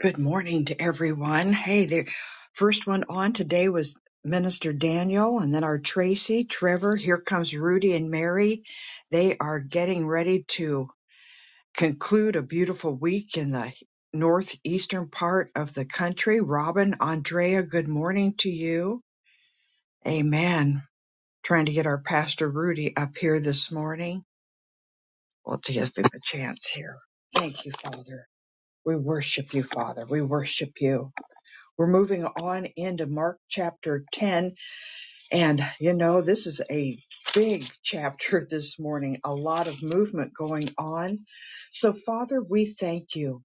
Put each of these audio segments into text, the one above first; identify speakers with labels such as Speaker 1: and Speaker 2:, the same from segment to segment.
Speaker 1: Good morning to everyone. Hey, the first one on today was Minister Daniel, and then our Tracy, Trevor. Here comes Rudy and Mary. They are getting ready to conclude a beautiful week in the northeastern part of the country. Robin, Andrea, good morning to you. Amen. Trying to get our Pastor Rudy up here this morning. We'll give him a chance here. Thank you, Father. We worship you, Father. We worship you. We're moving on into Mark chapter 10. And, you know, this is a big chapter this morning, a lot of movement going on. So, Father, we thank you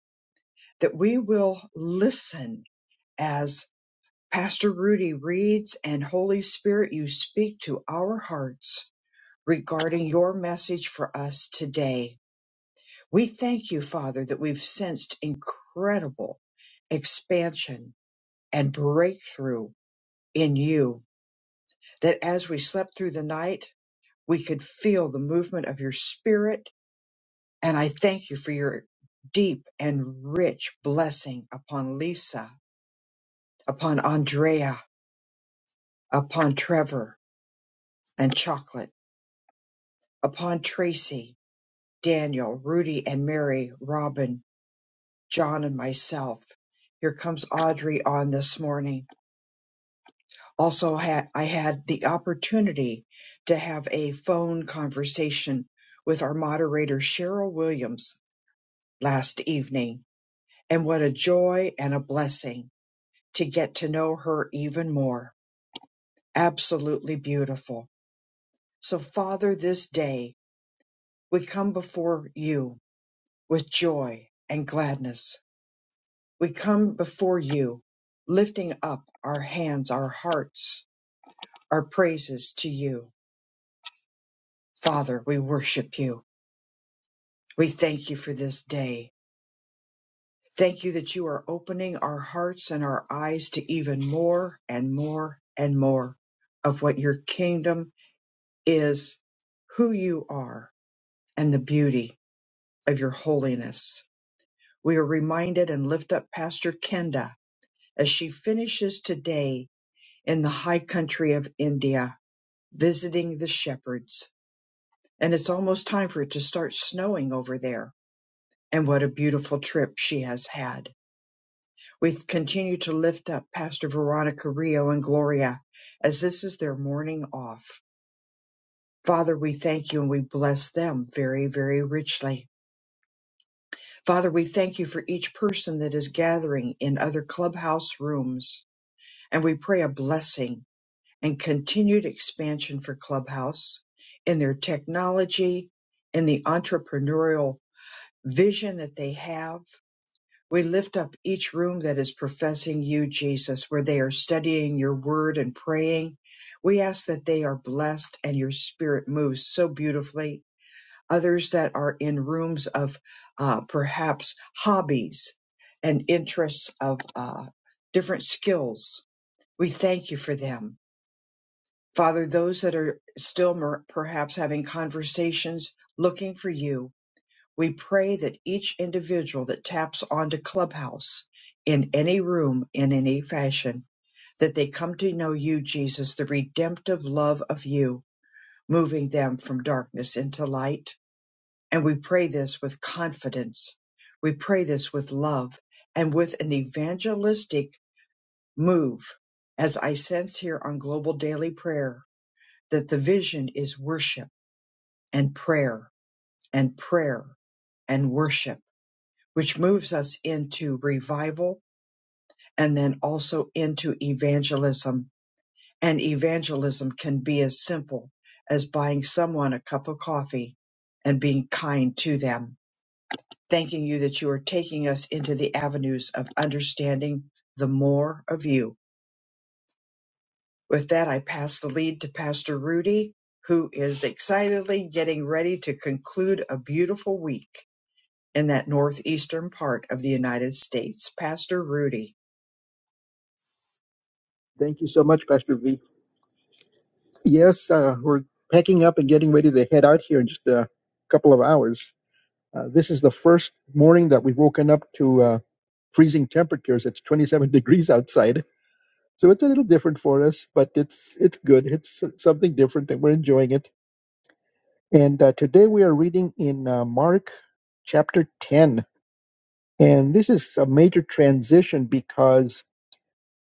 Speaker 1: that we will listen as Pastor Rudy reads and Holy Spirit, you speak to our hearts regarding your message for us today. We thank you, Father, that we've sensed incredible expansion and breakthrough in you. that as we slept through the night, we could feel the movement of your spirit. And I thank you for your deep and rich blessing upon Lisa, upon Andrea, upon Trevor and Chocolate, upon Tracy, Daniel, Rudy and Mary, Robin, John and myself. Here comes Audrey on this morning. Also, ha- I had the opportunity to have a phone conversation with our moderator, Cheryl Williams, last evening, and what a joy and a blessing to get to know her even more. Absolutely beautiful. So, Father, this day we come before you with joy and gladness. We come before you lifting up our hands, our hearts, our praises to you. Father, we worship you. We thank you for this day. Thank you that you are opening our hearts and our eyes to even more and more and more of what your kingdom is, who you are, and the beauty of your holiness. We are reminded and lift up Pastor Kenda as she finishes today in the high country of India, visiting the shepherds. And it's almost time for it to start snowing over there. And what a beautiful trip she has had. We continue to lift up Pastor Veronica Rio and Gloria as this is their morning off. Father, we thank you and we bless them very, very richly. Father, we thank you for each person that is gathering in other clubhouse rooms, and we pray a blessing and continued expansion for Clubhouse in their technology, in the entrepreneurial vision that they have. We lift up each room that is professing you, Jesus, where they are studying your word and praying. We ask that they are blessed and your spirit moves so beautifully. Others that are in rooms of uh, perhaps hobbies and interests of uh, different skills, we thank you for them. Father, those that are still mer- perhaps having conversations, looking for you, we pray that each individual that taps onto Clubhouse in any room in any fashion, that they come to know you, Jesus, the redemptive love of you, moving them from darkness into light. And we pray this with confidence. We pray this with love and with an evangelistic move, as I sense here on Global Daily Prayer, that the vision is worship and prayer and prayer and worship which moves us into revival and then also into evangelism. And evangelism can be as simple as buying someone a cup of coffee and being kind to them. Thanking you that you are taking us into the avenues of understanding the more of you. With that, I pass the lead to Pastor Rudy, who is excitedly getting ready to conclude a beautiful week in that northeastern part of the United States. Pastor Rudy.
Speaker 2: Thank you so much, Pastor V. Yes, uh, we're packing up and getting ready to head out here in just a couple of hours. Uh, this is the first morning that we've woken up to uh, freezing temperatures. It's 27 degrees outside, so it's a little different for us, but it's it's good. It's something different, and we're enjoying it. And uh, today we are reading in uh, Mark chapter 10, and this is a major transition because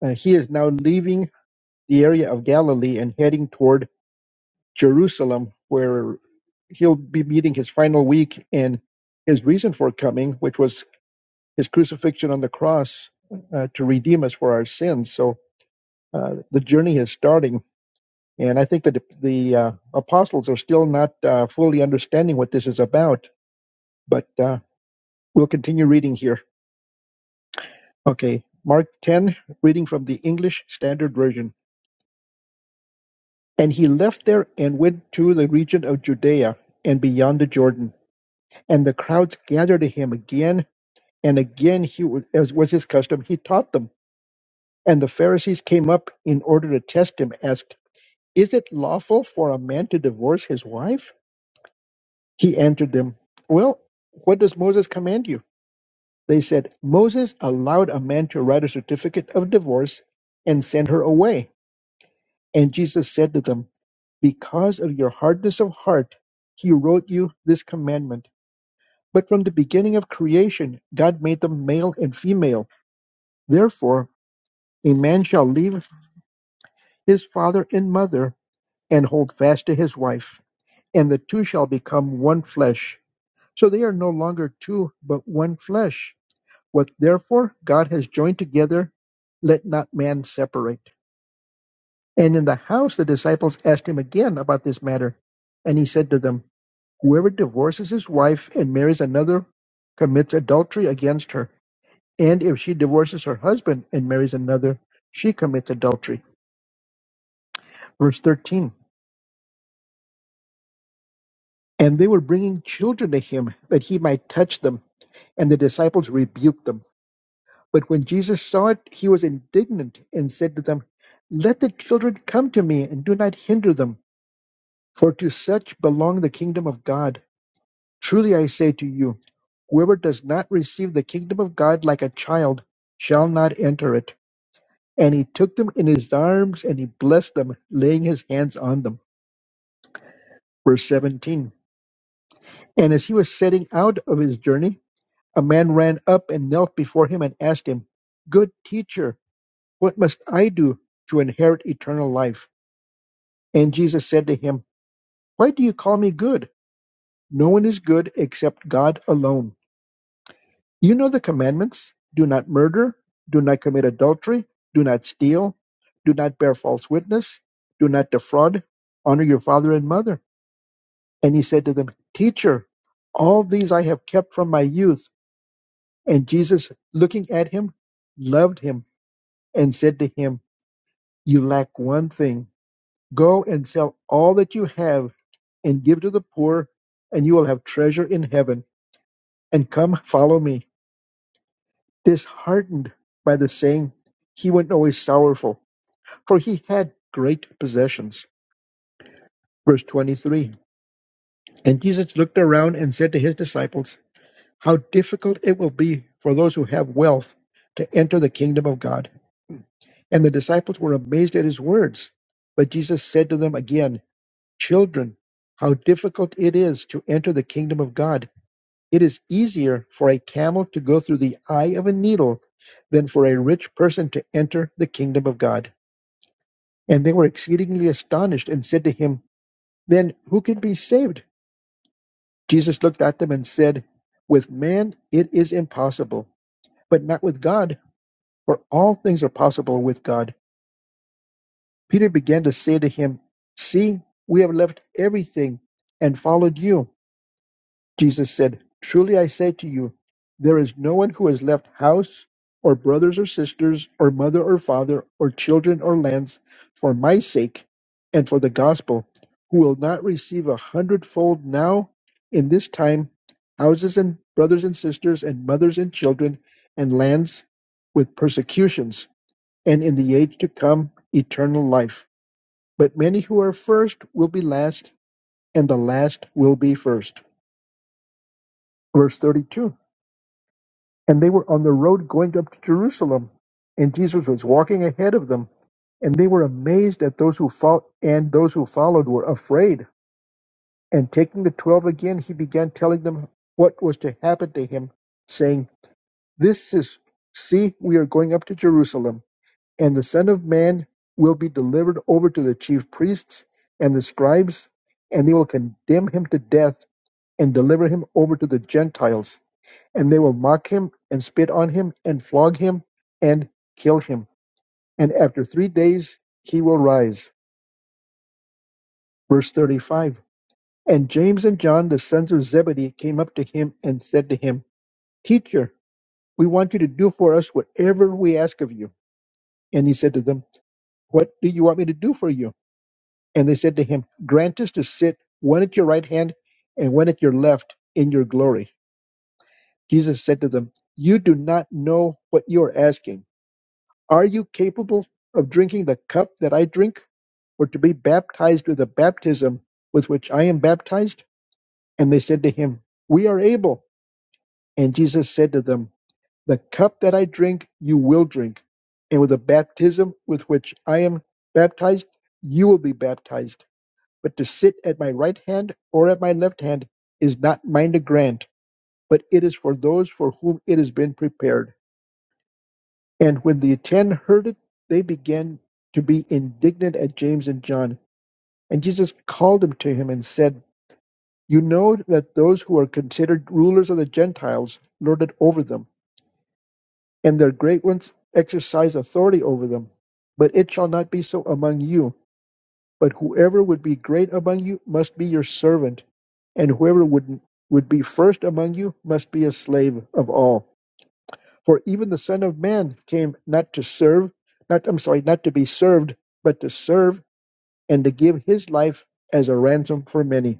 Speaker 2: uh, he is now leaving the area of Galilee and heading toward Jerusalem, where he'll be meeting his final week and his reason for coming, which was his crucifixion on the cross uh, to redeem us for our sins. So uh, the journey is starting. And I think that the, uh, apostles are still not uh, fully understanding what this is about, but uh, we'll continue reading here. Okay, Mark 10, reading from the English Standard Version. And he left there and went to the region of Judea and beyond the Jordan And the crowds gathered to him again and again. He was, as was his custom, he taught them. And the Pharisees came up in order to test him, asked, "Is it lawful for a man to divorce his wife?" He answered them, "Well, what does Moses command you?" They said, "Moses allowed a man to write a certificate of divorce and send her away." And Jesus said to them, "Because of your hardness of heart, he wrote you this commandment." But from the beginning of creation, God made them male and female. Therefore a man shall leave his father and mother and hold fast to his wife, and the two shall become one flesh. So they are no longer two, but one flesh. What therefore God has joined together, let not man separate. And in the house the disciples asked him again about this matter. And he said to them, Whoever divorces his wife and marries another commits adultery against her. And if she divorces her husband and marries another, she commits adultery. Verse 13. And they were bringing children to him that he might touch them. And the disciples rebuked them. But when Jesus saw it, he was indignant and said to them, Let the children come to me and do not hinder them, for to such belong the kingdom of God. Truly I say to you, whoever does not receive the kingdom of God like a child shall not enter it. And he took them in his arms and he blessed them, laying his hands on them. Verse 17. And as he was setting out of his journey, A man ran up and knelt before him and asked him, Good teacher, what must I do to inherit eternal life? And Jesus said to him, Why do you call me good? No one is good except God alone. You know the commandments do not murder, do not commit adultery, do not steal, do not bear false witness, do not defraud, honor your father and mother. And he said to them, Teacher, all these I have kept from my youth. And Jesus, looking at him, loved him and said to him, You lack one thing. Go and sell all that you have and give to the poor, and you will have treasure in heaven. And come, follow me. Disheartened by the saying, he went away sorrowful, for he had great possessions. Verse 23 And Jesus looked around and said to his disciples, How difficult it will be for those who have wealth to enter the kingdom of God. And the disciples were amazed at his words. But Jesus said to them again, Children, how difficult it is to enter the kingdom of God! It is easier for a camel to go through the eye of a needle than for a rich person to enter the kingdom of God. And they were exceedingly astonished and said to him, Then who can be saved? Jesus looked at them and said, With man it is impossible, but not with God, for all things are possible with God. Peter began to say to him, See, we have left everything and followed you. Jesus said, Truly I say to you, there is no one who has left house or brothers or sisters or mother or father or children or lands for my sake and for the gospel who will not receive a hundredfold now in this time houses and brothers and sisters and mothers and children and lands with persecutions and in the age to come eternal life. But many who are first will be last and the last will be first." Verse 32. And they were on the road going up to Jerusalem, and Jesus was walking ahead of them. And they were amazed at those who followed, and those who followed were afraid. And taking the twelve again, he began telling them what was to happen to him, saying, This is, see, we are going up to Jerusalem, and the Son of Man will be delivered over to the chief priests and the scribes, and they will condemn him to death and deliver him over to the Gentiles and they will mock him, and spit on him, and flog him, and kill him. And after three days he will rise. Verse 35 And James and John, the sons of Zebedee, came up to him and said to him, Teacher, we want you to do for us whatever we ask of you. And he said to them, What do you want me to do for you? And they said to him, Grant us to sit one at your right hand and one at your left in your glory. Jesus said to them, You do not know what you are asking. Are you capable of drinking the cup that I drink, or to be baptized with the baptism with which I am baptized? And they said to him, We are able. And Jesus said to them, The cup that I drink, you will drink. And with the baptism with which I am baptized, you will be baptized. But to sit at my right hand or at my left hand is not mine to grant, but it is for those for whom it has been prepared. And when the ten heard it, they began to be indignant at James and John. And Jesus called them to him and said, You know that those who are considered rulers of the Gentiles lord it over them, and their great ones exercise authority over them. But it shall not be so among you. But whoever would be great among you must be your servant, and whoever would, would be first among you must be a slave of all. For even the Son of Man came not to serve, not I'm sorry, not to be served, but to serve and to give his life as a ransom for many.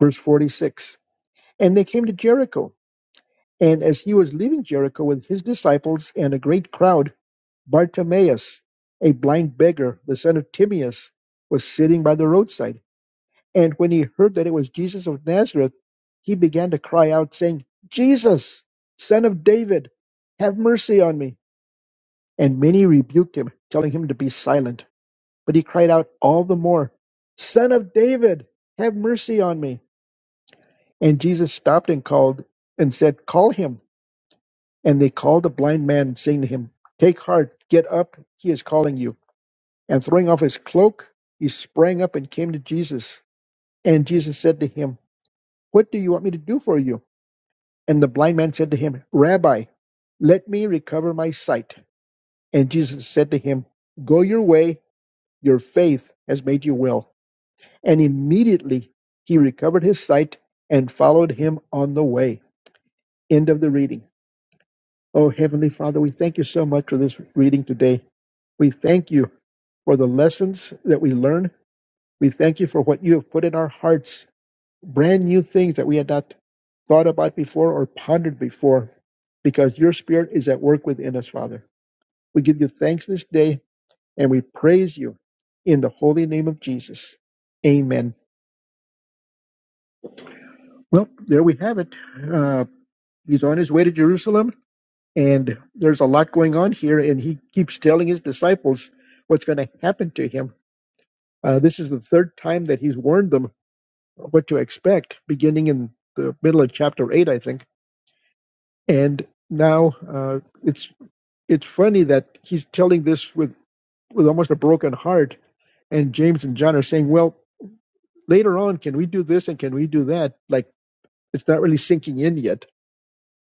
Speaker 2: Verse 46. And they came to Jericho, and as he was leaving Jericho with his disciples and a great crowd, Bartimaeus, a blind beggar, the son of Timaeus, was sitting by the roadside. And when he heard that it was Jesus of Nazareth, he began to cry out, saying, Jesus, son of David, have mercy on me. And many rebuked him, telling him to be silent. But he cried out all the more, Son of David, have mercy on me. And Jesus stopped and called and said, Call him. And they called the blind man, saying to him, Take heart, get up, he is calling you. And throwing off his cloak, he sprang up and came to Jesus. And Jesus said to him, What do you want me to do for you? And the blind man said to him, Rabbi, let me recover my sight. And Jesus said to him, Go your way Your faith has made you well. And immediately he recovered his sight and followed him on the way. End of the reading. Oh, Heavenly Father, we thank you so much for this reading today. We thank you for the lessons that we learn. We thank you for what you have put in our hearts, brand new things that we had not thought about before or pondered before, because your spirit is at work within us, Father. We give you thanks this day and we praise you in the holy name of Jesus. Amen. Well, there we have it. Uh, he's on his way to Jerusalem, and there's a lot going on here, and he keeps telling his disciples what's going to happen to him. Uh, this is the third time that he's warned them what to expect, beginning in the middle of chapter 8, I think. And now uh, it's it's funny that he's telling this with, with almost a broken heart, and James and John are saying, well, later on, can we do this and can we do that? Like, it's not really sinking in yet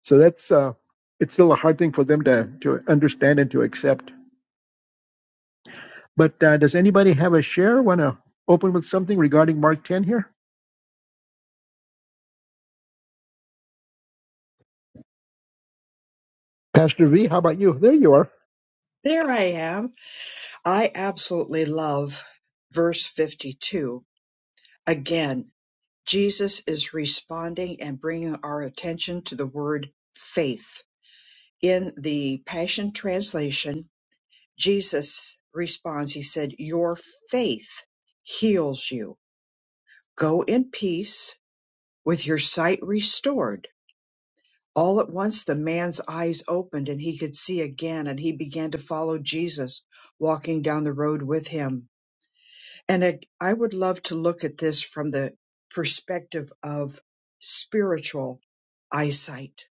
Speaker 2: So that's uh, it's still a hard thing for them to to understand and to accept. But uh, does anybody have a share? Want to open with something regarding Mark ten here? Pastor V, how about you? There you are.
Speaker 1: There I am. I absolutely love verse 52. Again, Jesus is responding and bringing our attention to the word faith. In the Passion Translation, Jesus responds, He said, Your faith heals you. Go in peace with your sight restored. All at once, the man's eyes opened and he could see again, and he began to follow Jesus, walking down the road with him And I, I would love to look at this from the perspective of spiritual eyesight,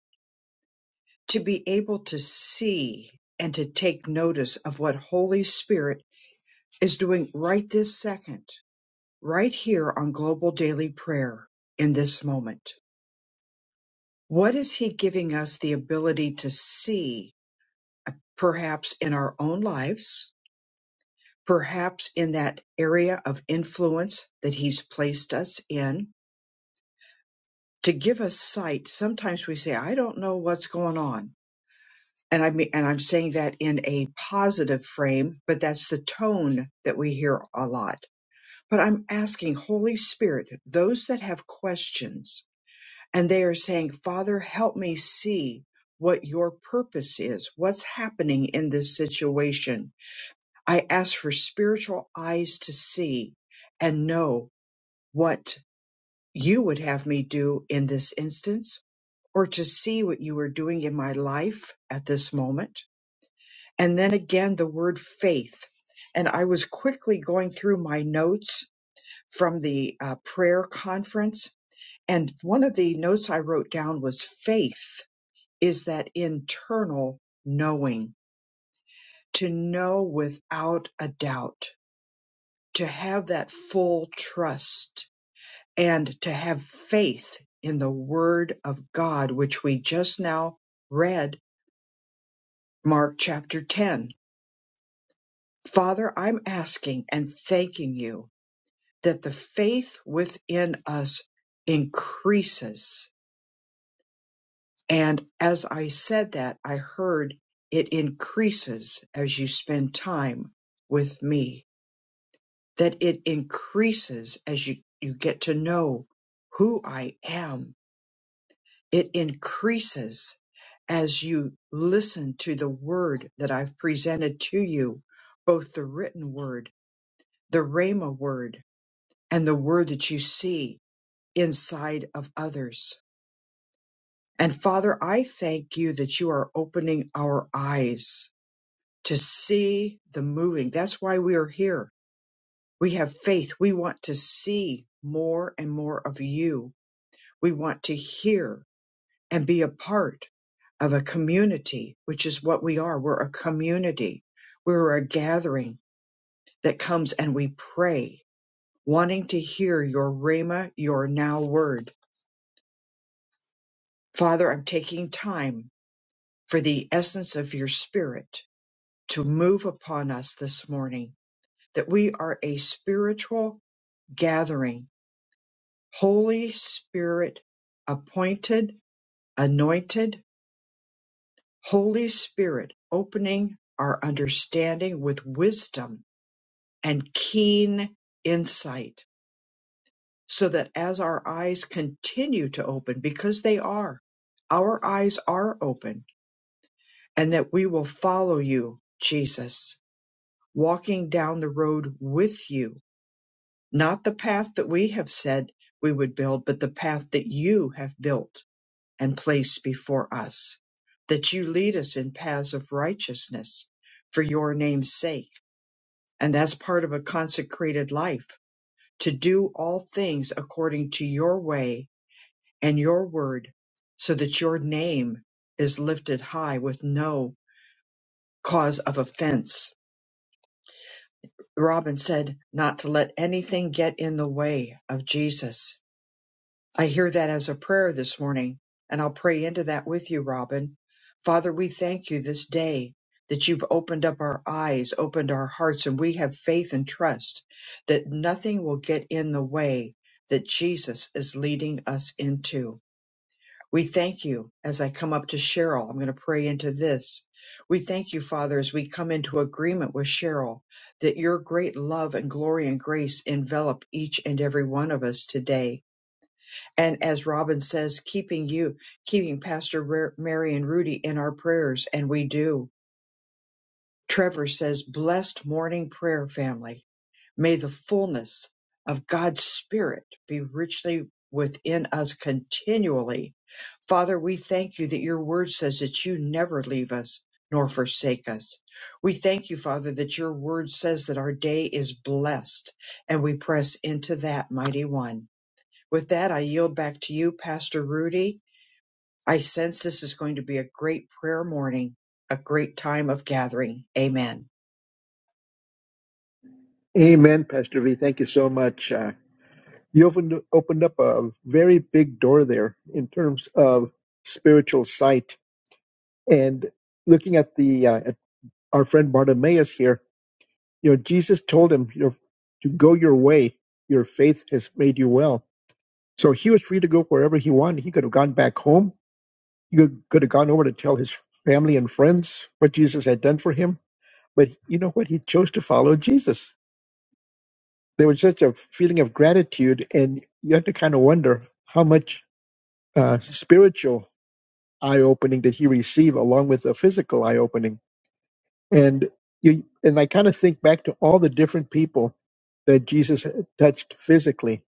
Speaker 1: to be able to see and to take notice of what Holy Spirit is doing right this second, right here on Global Daily Prayer in this moment. What is He giving us the ability to see, uh, perhaps in our own lives, perhaps in that area of influence that He's placed us in? to give us sight, sometimes we say, I don't know what's going on. And I mean, and I'm saying that in a positive frame, but that's the tone that we hear a lot. But I'm asking Holy Spirit, those that have questions and they are saying, Father, help me see what your purpose is. What's happening in this situation? I ask for spiritual eyes to see and know what you would have me do in this instance or to see what you are doing in my life at this moment. And then again, the word faith. And I was quickly going through my notes from the uh, prayer conference. And one of the notes I wrote down was faith is that internal knowing, to know without a doubt, to have that full trust and to have faith in the word of God, which we just now read Mark chapter 10. Father, I'm asking and thanking you that the faith within us increases. And as I said that, I heard it increases as you spend time with me, that it increases as you, you get to know who I am. It increases as you listen to the word that I've presented to you, both the written word the Rhema word and the word that you see inside of others. And Father, I thank you that you are opening our eyes to see the moving. That's why we are here. We have faith. We want to see more and more of you. We want to hear and be a part of a community, which is what we are. We're a community. We're a gathering that comes and we pray, wanting to hear your Rhema, your now word Father, I'm taking time for the essence of your spirit to move upon us this morning, that we are a spiritual gathering, Holy Spirit appointed, anointed, Holy Spirit opening our understanding with wisdom and keen insight, so that as our eyes continue to open, because they are, our eyes are open, and that we will follow you, Jesus walking down the road with you, not the path that we have said we would build, but the path that you have built and placed before us, that you lead us in paths of righteousness for your name's sake. And that's part of a consecrated life to do all things according to your way and your word so that your name is lifted high with no cause of offense Robin said not to let anything get in the way of Jesus. I hear that as a prayer this morning, and I'll pray into that with you, Robin. Father, we thank you this day that you've opened up our eyes, opened our hearts, and we have faith and trust that nothing will get in the way that Jesus is leading us into. We thank you as I come up to Cheryl. I'm going to pray into this. We thank you, Father, as we come into agreement with Cheryl, that your great love and glory and grace envelop each and every one of us today. And as Robin says, keeping you, keeping Pastor Ra- Mary and Rudy in our prayers, and we do. Trevor says, blessed morning prayer family. May the fullness of God's Spirit be richly within us continually. Father, we thank you that your word says that you never leave us nor forsake us. We thank you, Father, that your word says that our day is blessed and we press into that mighty one. With that, I yield back to you, Pastor Rudy. I sense this is going to be a great prayer morning, a great time of gathering. Amen.
Speaker 2: Amen, Pastor V. Thank you so much. Uh, you opened opened up a very big door there in terms of spiritual sight and looking at the uh, at our friend Bartimaeus here. You know, Jesus told him, you know, to go your way. Your faith has made you well So he was free to go wherever he wanted. He could have gone back home. He could, could have gone over to tell his family and friends what Jesus had done for him. But you know what? He chose to follow Jesus. There was such a feeling of gratitude, and you have to kind of wonder how much uh, spiritual eye opening did he receive along with the physical eye opening. And you, and I kind of think back to all the different people that Jesus touched physically.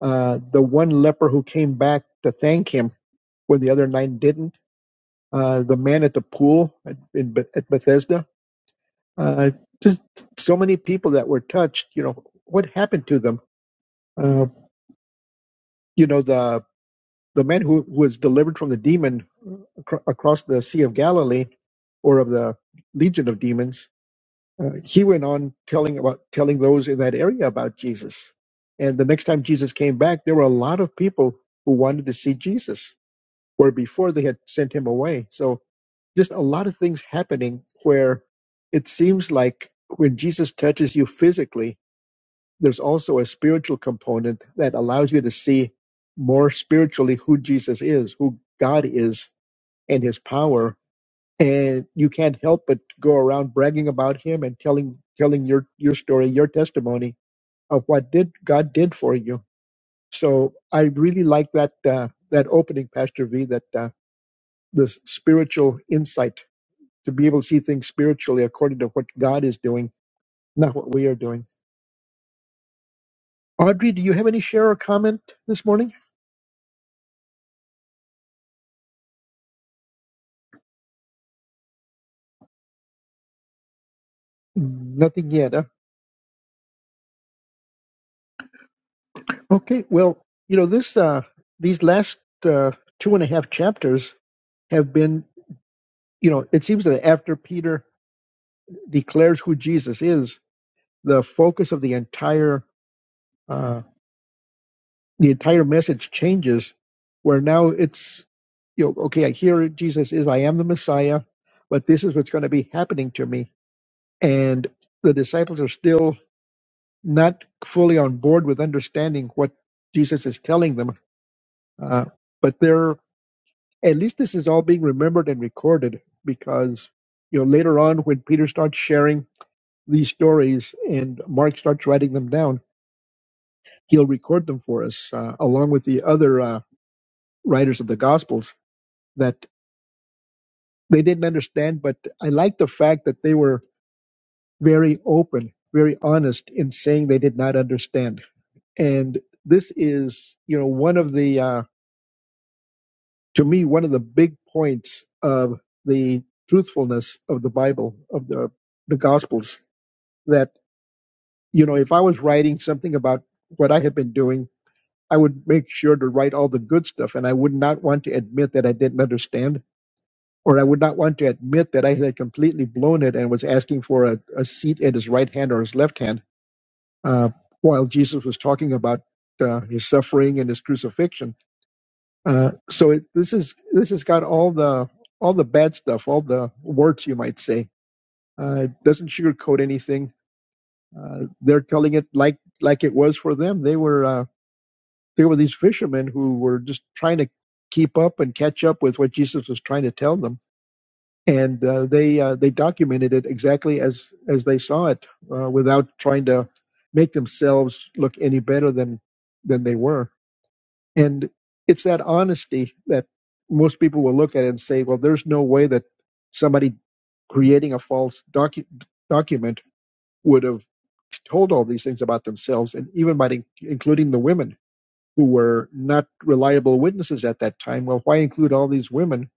Speaker 2: Uh, the one leper who came back to thank him when the other nine didn't uh, the man at the pool at, in, at Bethesda. Uh, just so many people that were touched. You know what happened to them. Uh, you know the the man who was delivered from the demon acro- across the Sea of Galilee, or of the legion of demons. Uh, he went on telling about telling those in that area about Jesus. And the next time Jesus came back, there were a lot of people who wanted to see Jesus, where before they had sent him away. So just a lot of things happening where it seems like when Jesus touches you physically, there's also a spiritual component that allows you to see more spiritually who Jesus is, who God is, and his power. And you can't help but go around bragging about him and telling telling your, your story, your testimony of what did God did for you. So I really like that uh, that opening, Pastor V, that uh, this spiritual insight to be able to see things spiritually according to what God is doing, not what we are doing. Audrey, do you have any share or comment this morning? Nothing yet. huh? Okay. Well, you know this. Uh, these last uh, two and a half chapters have been. You know, it seems that after Peter declares who Jesus is, the focus of the entire uh, the entire message changes. Where now it's you know okay, I hear Jesus is I am the Messiah, but this is what's going to be happening to me and the disciples are still not fully on board with understanding what Jesus is telling them. Uh, but they're at least this is all being remembered and recorded because you know later on when Peter starts sharing these stories and Mark starts writing them down, he'll record them for us uh, along with the other uh, writers of the Gospels that they didn't understand. But I like the fact that they were very open, very honest in saying they did not understand and this is you know one of the uh, to me one of the big points of the truthfulness of the bible of the the gospels that you know if i was writing something about what i had been doing i would make sure to write all the good stuff and i would not want to admit that i didn't understand or i would not want to admit that i had completely blown it and was asking for a, a seat at his right hand or his left hand uh, while jesus was talking about uh, his suffering and his crucifixion Uh, so it, this is this has got all the all the bad stuff, all the warts you might say. Uh, it doesn't sugarcoat anything. Uh, they're telling it like like it was for them. They were uh, they were these fishermen who were just trying to keep up and catch up with what Jesus was trying to tell them, and uh, they uh, they documented it exactly as as they saw it, uh, without trying to make themselves look any better than than they were And it's that honesty that most people will look at and say, well, there's no way that somebody creating a false docu- document would have told all these things about themselves, and even by in- including the women who were not reliable witnesses at that time. Well, why include all these women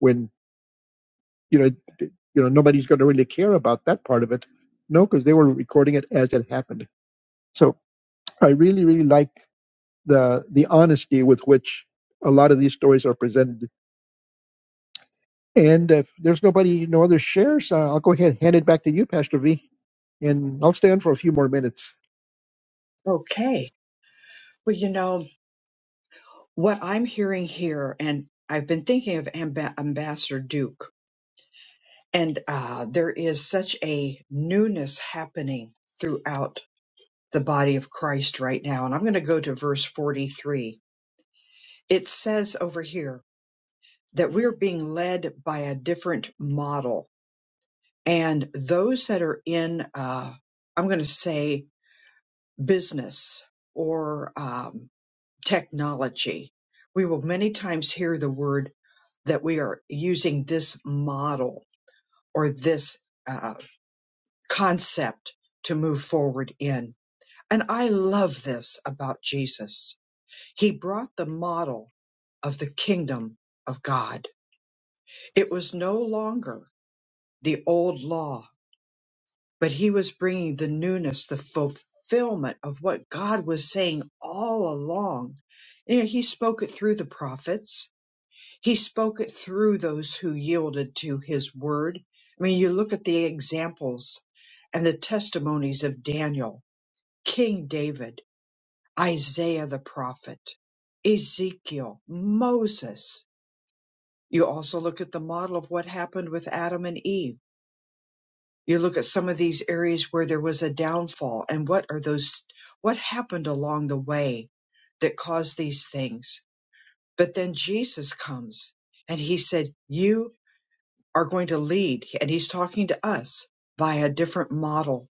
Speaker 2: when you know d- you know nobody's going to really care about that part of it? No, because they were recording it as it happened. So I really, really like the the honesty with which a lot of these stories are presented And if there's nobody, no other shares, uh, I'll go ahead and hand it back to you, Pastor V, and I'll stand for a few more minutes.
Speaker 1: Okay. Well, you know, what I'm hearing here, and I've been thinking of Amba- Ambassador Duke, and uh, there is such a newness happening throughout the body of Christ right now. And I'm going to go to verse 43. It says over here that we're being led by a different model, and those that are in, uh, I'm going to say, business or. um, technology. We will many times hear the word that we are using this model or this uh, concept to move forward in. And I love this about Jesus. He brought the model of the kingdom of God. It was no longer the old law, but he was bringing the newness, the fulfillment of what God was saying all along. You know, he spoke it through the prophets He spoke it through those who yielded to his word. I mean, you look at the examples and the testimonies of Daniel, King David, Isaiah the prophet, Ezekiel, Moses. You also look at the model of what happened with Adam and Eve. You look at some of these areas where there was a downfall and what are those, what happened along the way that caused these things. But then Jesus comes and he said, You are going to lead and he's talking to us by a different model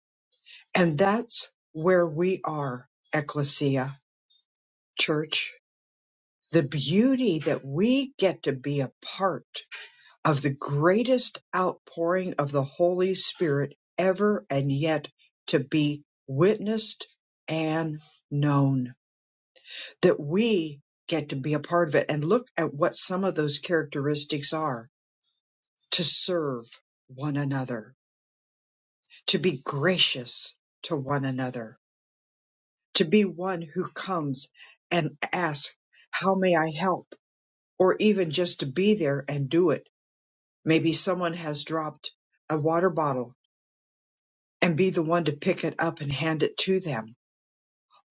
Speaker 1: and that's where we are ecclesia church the beauty that we get to be a part of the greatest outpouring of the holy spirit ever and yet to be witnessed and known that we get to be a part of it and look at what some of those characteristics are to serve one another to be gracious to one another, to be one who comes and asks, How may I help? Or even just to be there and do it. Maybe someone has dropped a water bottle and be the one to pick it up and hand it to them.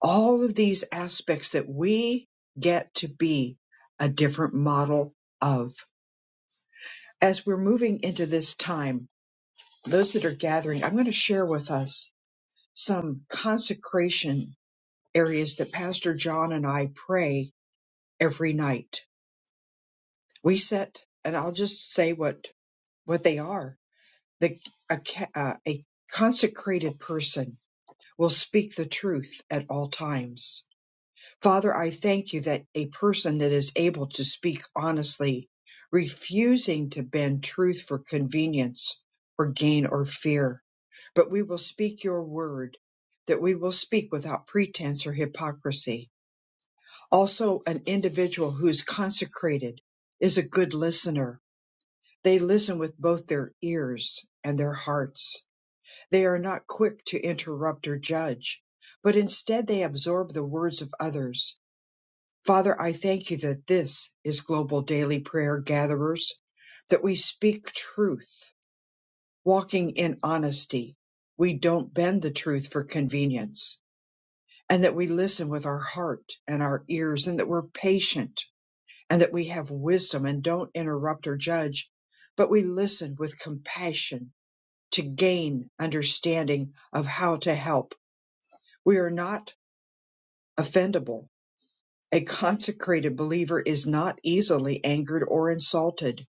Speaker 1: All of these aspects that we get to be a different model of. As we're moving into this time, those that are gathering, I'm going to share with us some consecration areas that Pastor John and I pray every night. We set, and I'll just say what what they are. The a, uh, a consecrated person will speak the truth at all times. Father, I thank you that a person that is able to speak honestly, refusing to bend truth for convenience or gain or fear, but we will speak your word, that we will speak without pretense or hypocrisy Also, an individual who is consecrated is a good listener. They listen with both their ears and their hearts. They are not quick to interrupt or judge, but instead they absorb the words of others. Father, I thank you that this is Global Daily Prayer Gatherers, that we speak truth, walking in honesty. We don't bend the truth for convenience, and that we listen with our heart and our ears, and that we're patient and that we have wisdom and don't interrupt or judge, but we listen with compassion to gain understanding of how to help. We are not offendable. A consecrated believer is not easily angered or insulted.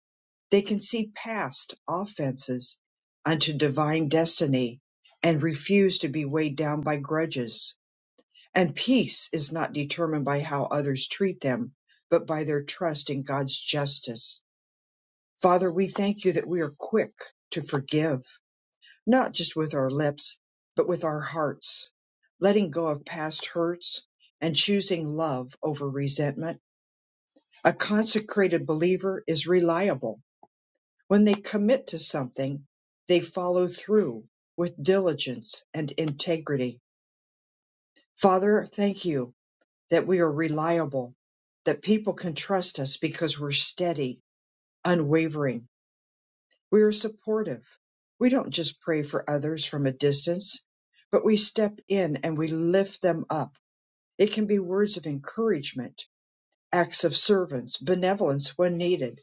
Speaker 1: They can see past offenses unto divine destiny and refuse to be weighed down by grudges. And peace is not determined by how others treat them, but by their trust in God's justice Father, we thank you that we are quick to forgive, not just with our lips, but with our hearts, letting go of past hurts and choosing love over resentment. A consecrated believer is reliable. When they commit to something, they follow through with diligence and integrity. Father, thank you that we are reliable, that people can trust us because we're steady, unwavering We are supportive. We don't just pray for others from a distance, but we step in and we lift them up. It can be words of encouragement, acts of servants, benevolence when needed,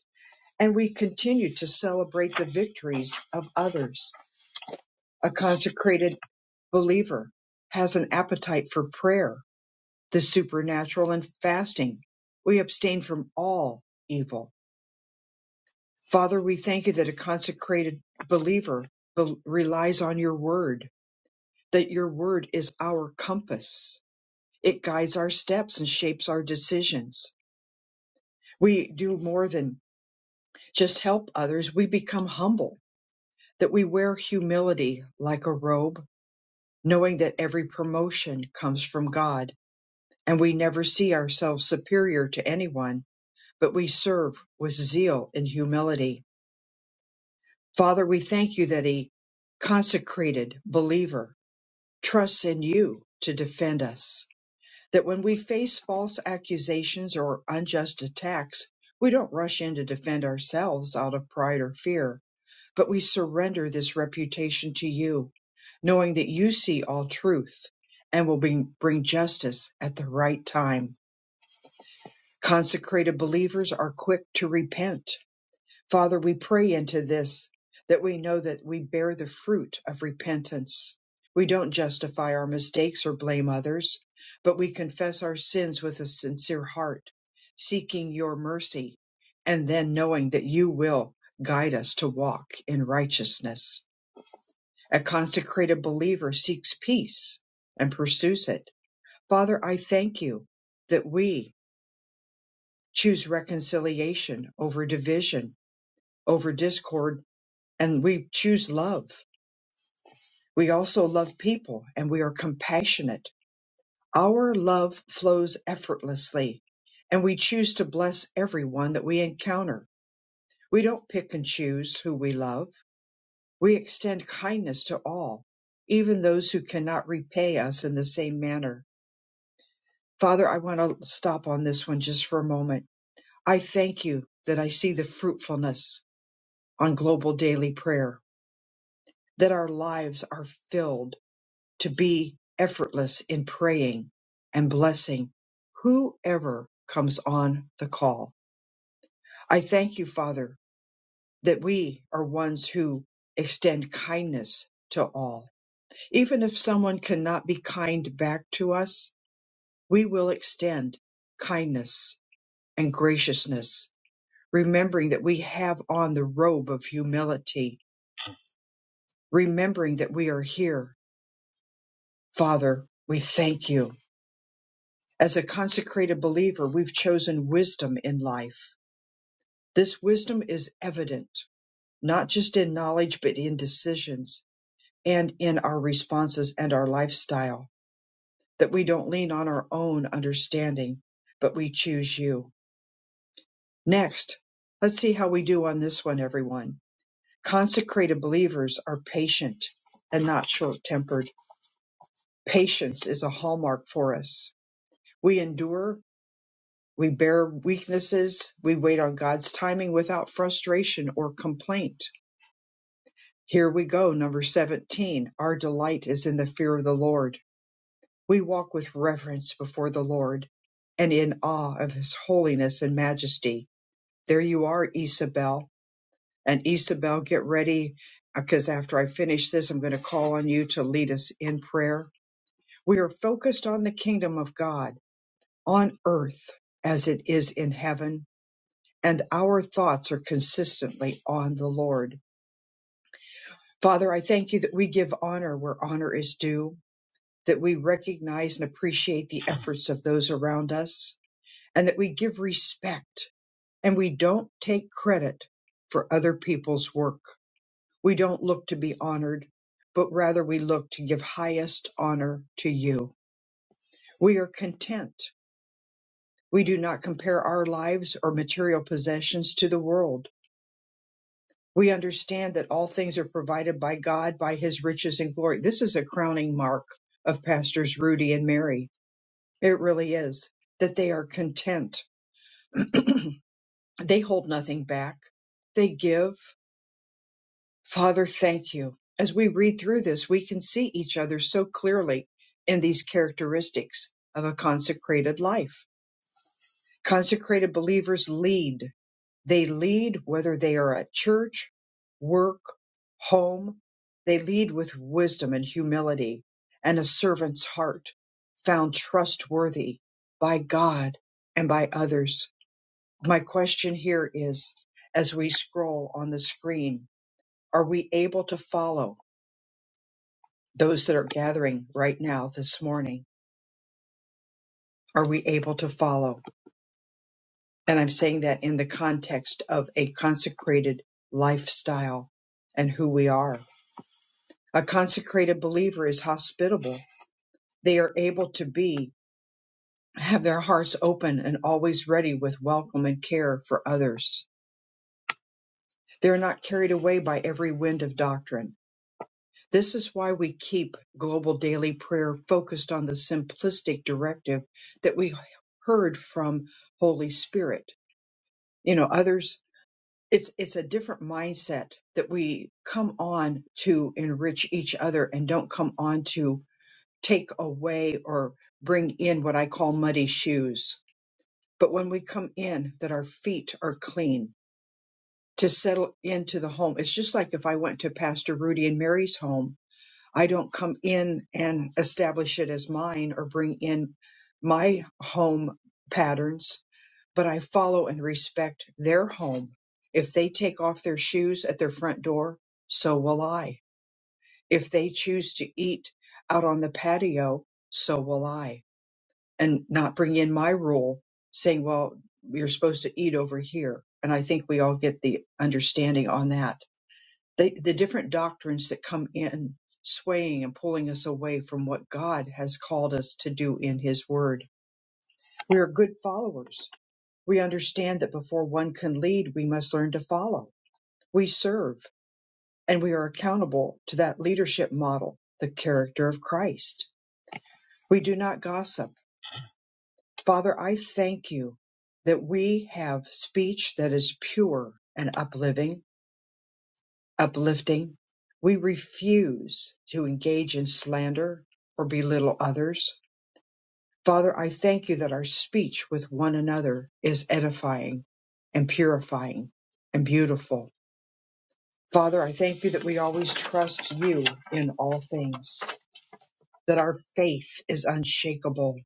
Speaker 1: and we continue to celebrate the victories of others. A consecrated believer has an appetite for prayer, the supernatural, and fasting. We abstain from all evil. Father, we thank you that a consecrated believer bel- relies on your word that your word is our compass. It guides our steps and shapes our decisions. We do more than just help others. We become humble, that we wear humility like a robe, knowing that every promotion comes from God and we never see ourselves superior to anyone, but we serve with zeal and humility. Father, we thank you that a consecrated believer trusts in you to defend us that when we face false accusations or unjust attacks, we don't rush in to defend ourselves out of pride or fear, but we surrender this reputation to you, knowing that you see all truth and will bring, bring justice at the right time. Consecrated believers are quick to repent Father, we pray into this that we know that we bear the fruit of repentance. We don't justify our mistakes or blame others, but we confess our sins with a sincere heart, seeking your mercy, and then knowing that you will guide us to walk in righteousness. A consecrated believer seeks peace and pursues it. Father, I thank you that we choose reconciliation over division, over discord and we choose love. We also love people and we are compassionate. Our love flows effortlessly and we choose to bless everyone that we encounter. We don't pick and choose who we love. We extend kindness to all, even those who cannot repay us in the same manner. Father, I want to stop on this one just for a moment. I thank you that I see the fruitfulness on global daily prayer, that our lives are filled to be effortless in praying and blessing whoever comes on the call. I thank you, Father, that we are ones who extend kindness to all. Even if someone cannot be kind back to us, we will extend kindness and graciousness, remembering that we have on the robe of humility, remembering that we are here. Father, we thank you As a consecrated believer, we've chosen wisdom in life. This wisdom is evident, not just in knowledge, but in decisions and in our responses and our lifestyle, that we don't lean on our own understanding, but we choose you. Next, let's see how we do on this one, everyone. Consecrated believers are patient and not short tempered. Patience is a hallmark for us. We endure We bear weaknesses. We wait on God's timing without frustration or complaint. Here we go, number 17. Our delight is in the fear of the Lord. We walk with reverence before the Lord and in awe of his holiness and majesty. There you are, Isabel. And Isabel, get ready because after I finish this, I'm going to call on you to lead us in prayer. We are focused on the kingdom of God on earth as it is in heaven and our thoughts are consistently on the Lord. Father, I thank you that we give honor where honor is due, that we recognize and appreciate the efforts of those around us, and that we give respect and we don't take credit for other people's work. We don't look to be honored, but rather we look to give highest honor to you. We are content. We do not compare our lives or material possessions to the world We understand that all things are provided by God by his riches and glory. This is a crowning mark of pastors Rudy and Mary. It really is that they are content. they hold nothing back. They give. Father, thank you. As we read through this, we can see each other so clearly in these characteristics of a consecrated life. Consecrated believers lead They lead whether they are at church, work, home. They lead with wisdom and humility and a servant's heart, found trustworthy by God and by others. My question here is as we scroll on the screen, are we able to follow those that are gathering right now this morning? Are we able to follow? And I'm saying that in the context of a consecrated lifestyle and who we are. A consecrated believer is hospitable. They are able to be, have their hearts open and always ready with welcome and care for others. They are not carried away by every wind of doctrine. This is why we keep global daily prayer focused on the simplistic directive that we heard from Holy Spirit. You know, others, it's, it's a different mindset that we come on to enrich each other and don't come on to take away or bring in what I call muddy shoes. But when we come in, that our feet are clean to settle into the home. It's just like if I went to Pastor Rudy and Mary's home, I don't come in and establish it as mine or bring in my home patterns, but I follow and respect their home. If they take off their shoes at their front door, so will I. If they choose to eat out on the patio, so will I and not bring in my rule saying, well, you're supposed to eat over here. And I think we all get the understanding on that. The, the different doctrines that come in swaying and pulling us away from what God has called us to do in His Word. We are good followers. We understand that before one can lead, we must learn to follow. We serve and we are accountable to that leadership model, the character of Christ. We do not gossip Father, I thank you that we have speech that is pure and uplifting, uplifting. We refuse to engage in slander or belittle others. Father, I thank you that our speech with one another is edifying and purifying and beautiful. Father, I thank you that we always trust you in all things, that our faith is unshakable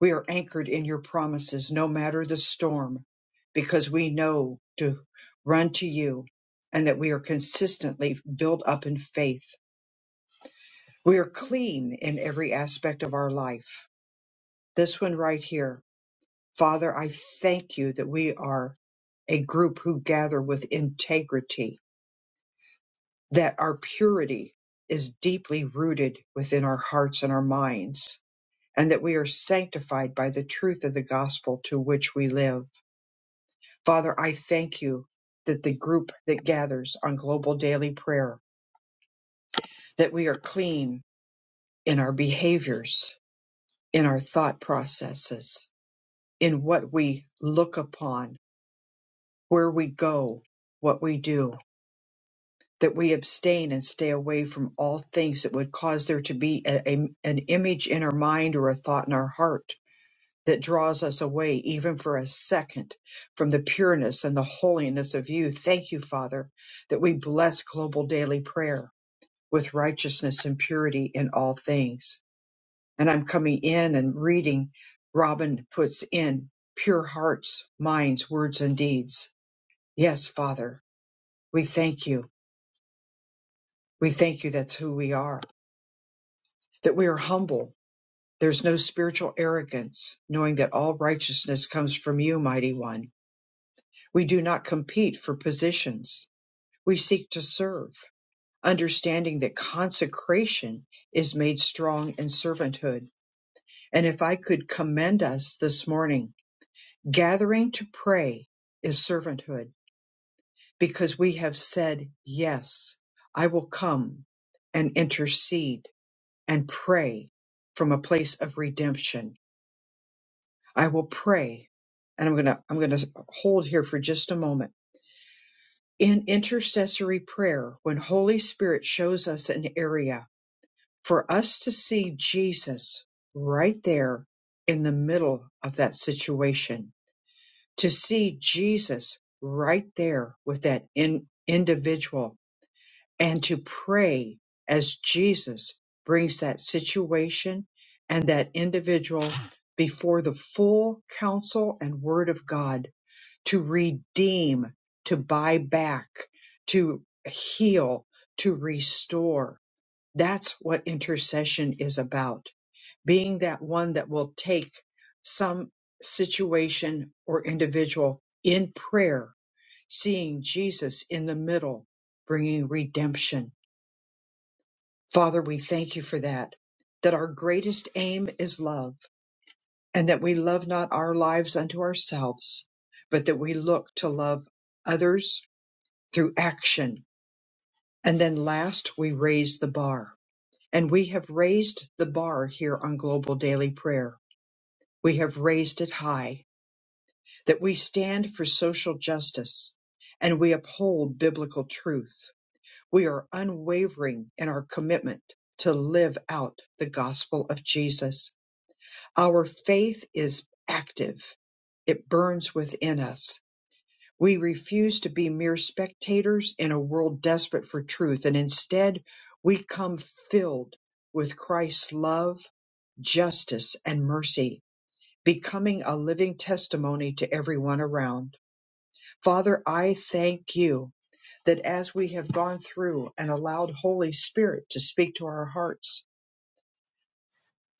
Speaker 1: We are anchored in your promises no matter the storm, because we know to run to you and that we are consistently built up in faith. We are clean in every aspect of our life. This one right here. Father, I thank you that we are a group who gather with integrity, that our purity is deeply rooted within our hearts and our minds, and that we are sanctified by the truth of the gospel to which we live. Father, I thank you that the group that gathers on global daily prayer, that we are clean in our behaviors, in our thought processes, in what we look upon, where we go, what we do, that we abstain and stay away from all things that would cause there to be a- a- an image in our mind or a thought in our heart that draws us away even for a second from the pureness and the holiness of you. Thank you, Father, that we bless global daily prayer with righteousness and purity in all things. And I'm coming in and reading, Robin puts in pure hearts, minds, words, and deeds. Yes, Father, we thank you. We thank you that's who we are, that we are humble. There's no spiritual arrogance, knowing that all righteousness comes from you, mighty one We do not compete for positions. We seek to serve, understanding that consecration is made strong in servanthood. And if I could commend us this morning, gathering to pray is servanthood because we have said, Yes, I will come and intercede and pray from a place of redemption. I will pray. And I'm going to, I'm going to hold here for just a moment in intercessory prayer when Holy Spirit shows us an area for us to see Jesus right there in the middle of that situation, to see Jesus right there with that in, individual and to pray as Jesus brings that situation and that individual before the full counsel and word of God to redeem, to buy back, to heal, to restore. That's what intercession is about. Being that one that will take some situation or individual in prayer, seeing Jesus in the middle, bringing redemption. Father, we thank you for that, that our greatest aim is love and that we love not our lives unto ourselves, but that we look to love others through action. And then last, we raise the bar. And we have raised the bar here on Global Daily Prayer. We have raised it high that we stand for social justice and we uphold biblical truth. We are unwavering in our commitment to live out the gospel of Jesus. Our faith is active. It burns within us We refuse to be mere spectators in a world desperate for truth, and instead we come filled with Christ's love, justice, and mercy, becoming a living testimony to everyone around. Father, I thank you that as we have gone through and allowed Holy Spirit to speak to our hearts,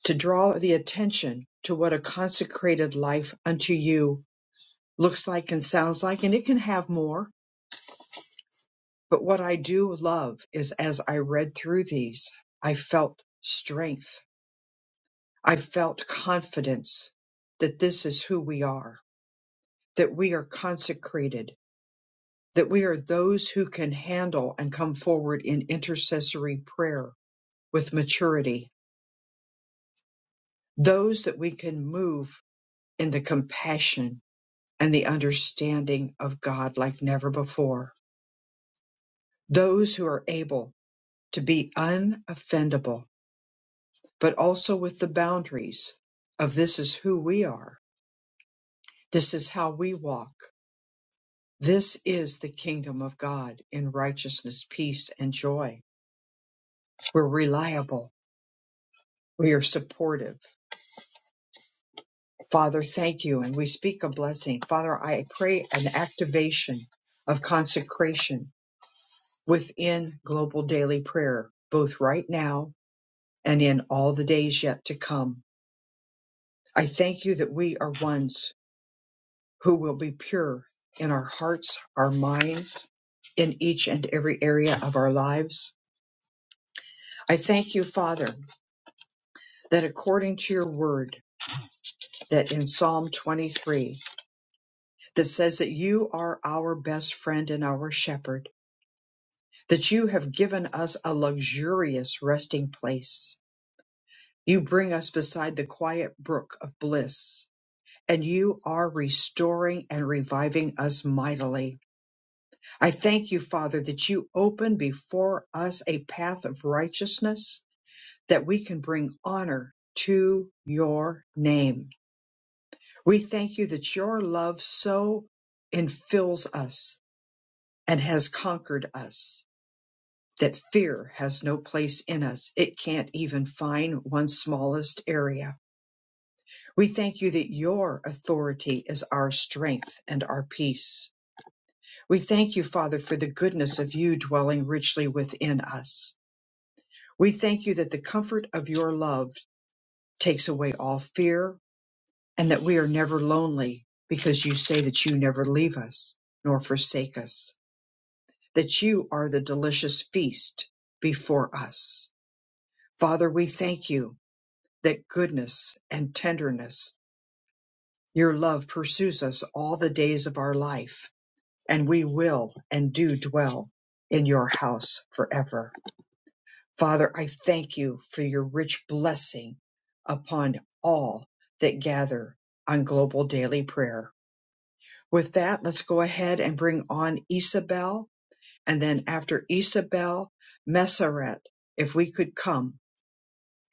Speaker 1: to draw the attention to what a consecrated life unto you looks like and sounds like, and it can have more. But what I do love is as I read through these, I felt strength. I felt confidence that this is who we are, that we are consecrated, that we are those who can handle and come forward in intercessory prayer with maturity, those that we can move in the compassion and the understanding of God like never before, those who are able to be unoffendable but also with the boundaries of this is who we are. This is how we walk. This is the kingdom of God in righteousness, peace, and joy. We're reliable. We are supportive. Father, thank you. And we speak a blessing. Father, I pray an activation of consecration within global daily prayer, both right now and in all the days yet to come. I thank you that we are ones who will be pure in our hearts, our minds, in each and every area of our lives. I thank you, Father, that according to your word, that in Psalm 23, that says that you are our best friend and our shepherd, that you have given us a luxurious resting place. You bring us beside the quiet brook of bliss, and you are restoring and reviving us mightily I thank you, Father, that you open before us a path of righteousness that we can bring honor to your name. We thank you that your love so infills us and has conquered us that fear has no place in us. It can't even find one smallest area. We thank you that your authority is our strength and our peace. We thank you, Father, for the goodness of you dwelling richly within us. We thank you that the comfort of your love takes away all fear and that we are never lonely because you say that you never leave us nor forsake us, that you are the delicious feast before us. Father, we thank you that goodness and tenderness, your love pursues us all the days of our life, and we will and do dwell in your house forever. Father, I thank you for your rich blessing upon all that gather on global daily prayer. With that, let's go ahead and bring on Isabel. And then after Isabel, Messeret, if we could come.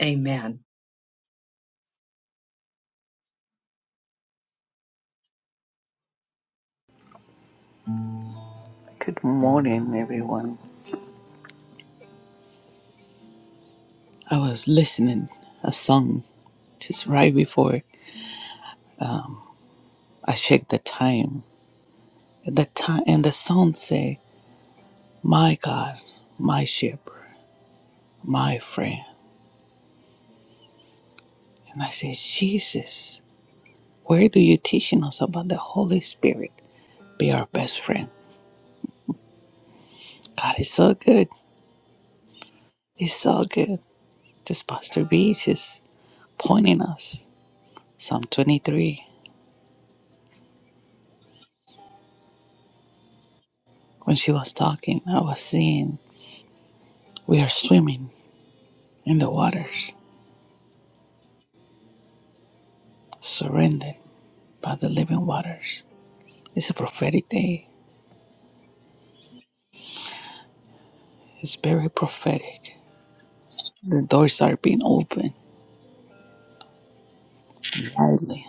Speaker 1: Amen.
Speaker 3: Good morning, everyone. I was listening a song just right before I checked the time. At the time, and the song say, "My God, my Shepherd, my friend." And I said, "Jesus, where do you teaching us about the Holy Spirit? Be our best friend." God is so good. It's so good. This Pastor B is just pointing us. Psalm 23. When she was talking, I was seeing we are swimming in the waters surrendered by the living waters. It's a prophetic day. It's very prophetic. The doors are being opened widely,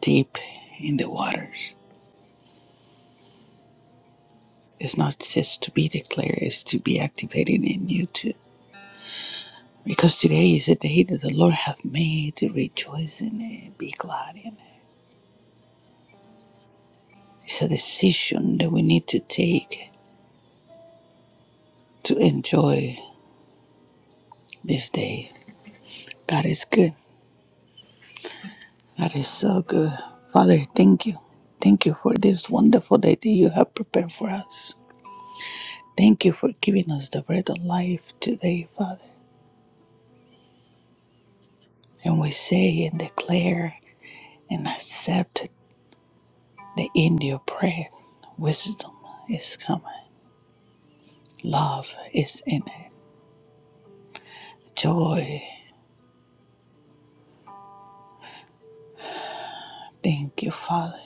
Speaker 3: deep in the waters. It's not just to be declared, it's to be activated in you too. Because today is a day that the Lord hath made to rejoice in it, be glad in it. It's a decision that we need to take to enjoy this day. God is good. That is so good. Father, thank you. Thank you for this wonderful day that you have prepared for us. Thank you for giving us the bread of life today, Father. And we say and declare and accept the end of prayer. Wisdom is coming, love is in it, joy. Thank you, Father.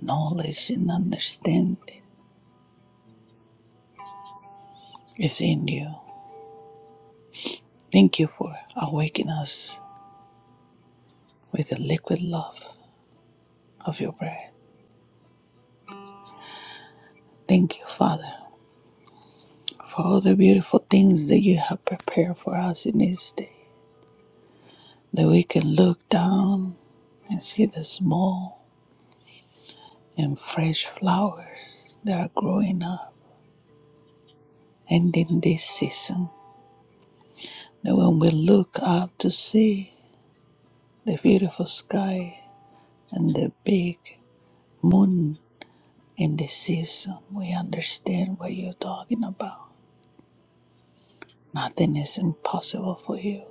Speaker 3: Knowledge and understanding is in you. Thank you for awakening us with the liquid love of your bread. Thank you, Father, for all the beautiful things that you have prepared for us in this day. That we can look down and see the small and fresh flowers that are growing up. And in this season, that when we look up to see the beautiful sky and the big moon in this season, we understand what you're talking about. Nothing is impossible for you,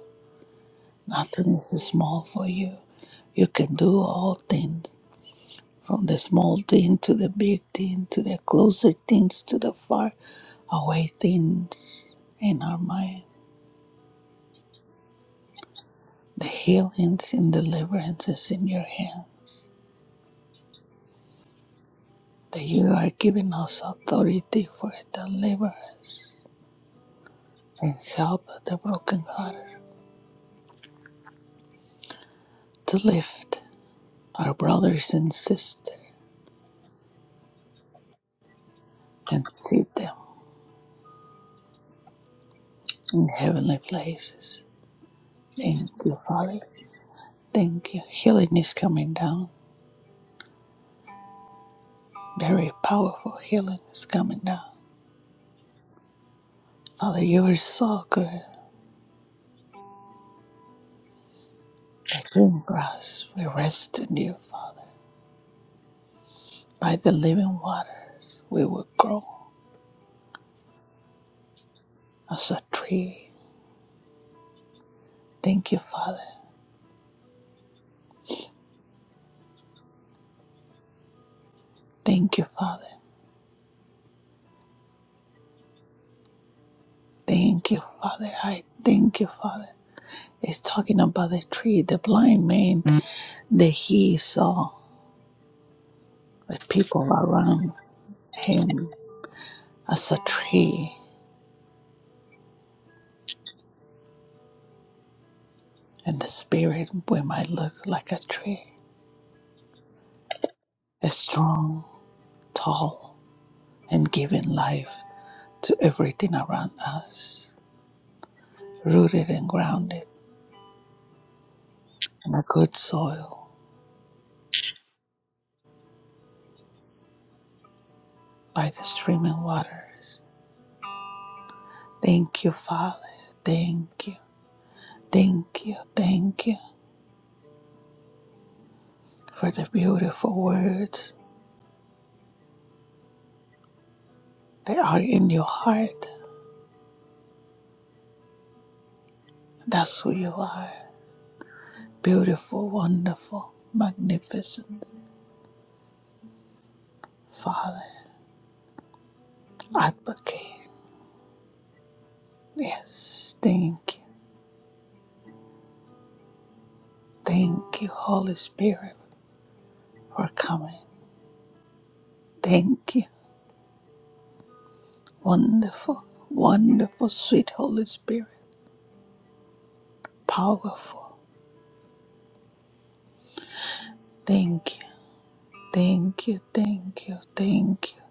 Speaker 3: nothing is small for you. You can do all things From the small thing to the big thing to the closer things to the far away things in our mind. The healings and deliverances in your hands. That you are giving us authority for deliverance and help the brokenhearted to lift our brothers and sisters and seat them in heavenly places. Thank you, Father. Thank you. Healing is coming down. Very powerful healing is coming down Father, you are so good. The green grass, we rest in you, Father. By the living waters, we will grow as a tree. Thank you, Father. Thank you, Father. Thank you, Father. I thank you, Father. It's talking about the tree, the blind man that he saw the people around him as a tree. And the spirit, we might look like a tree, a strong, tall, and giving life. to everything around us, rooted and grounded in a good soil by the streaming waters. Thank you, Father. Thank you. Thank you. Thank you for the beautiful words that are in your heart. That's who you are. Beautiful, wonderful, magnificent Father, advocate. Yes, thank you. Thank you, Holy Spirit, for coming. Thank you Wonderful, wonderful, sweet Holy Spirit. Powerful. Thank you, thank you, thank you, thank you.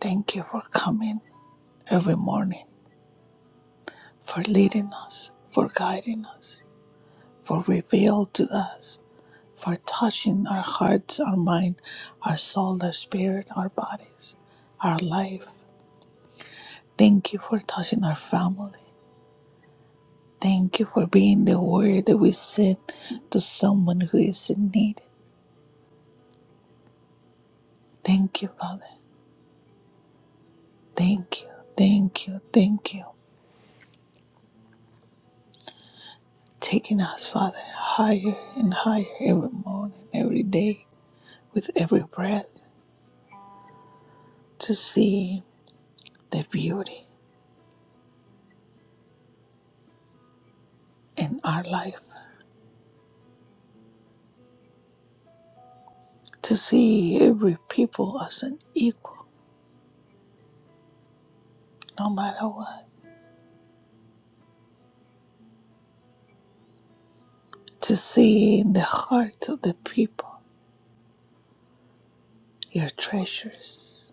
Speaker 3: Thank you for coming every morning, for leading us, for guiding us, for revealing to us, for touching our hearts, our mind, our soul, our spirit, our bodies, our life. Thank you for touching our family. Thank you for being the word that we send to someone who is in need. Thank you, Father. Thank you, thank you, thank you. Taking us, Father, higher and higher every morning, every day, with every breath, to see the beauty in our life, to see every people as an equal, no matter what, to see in the heart of the people your treasures,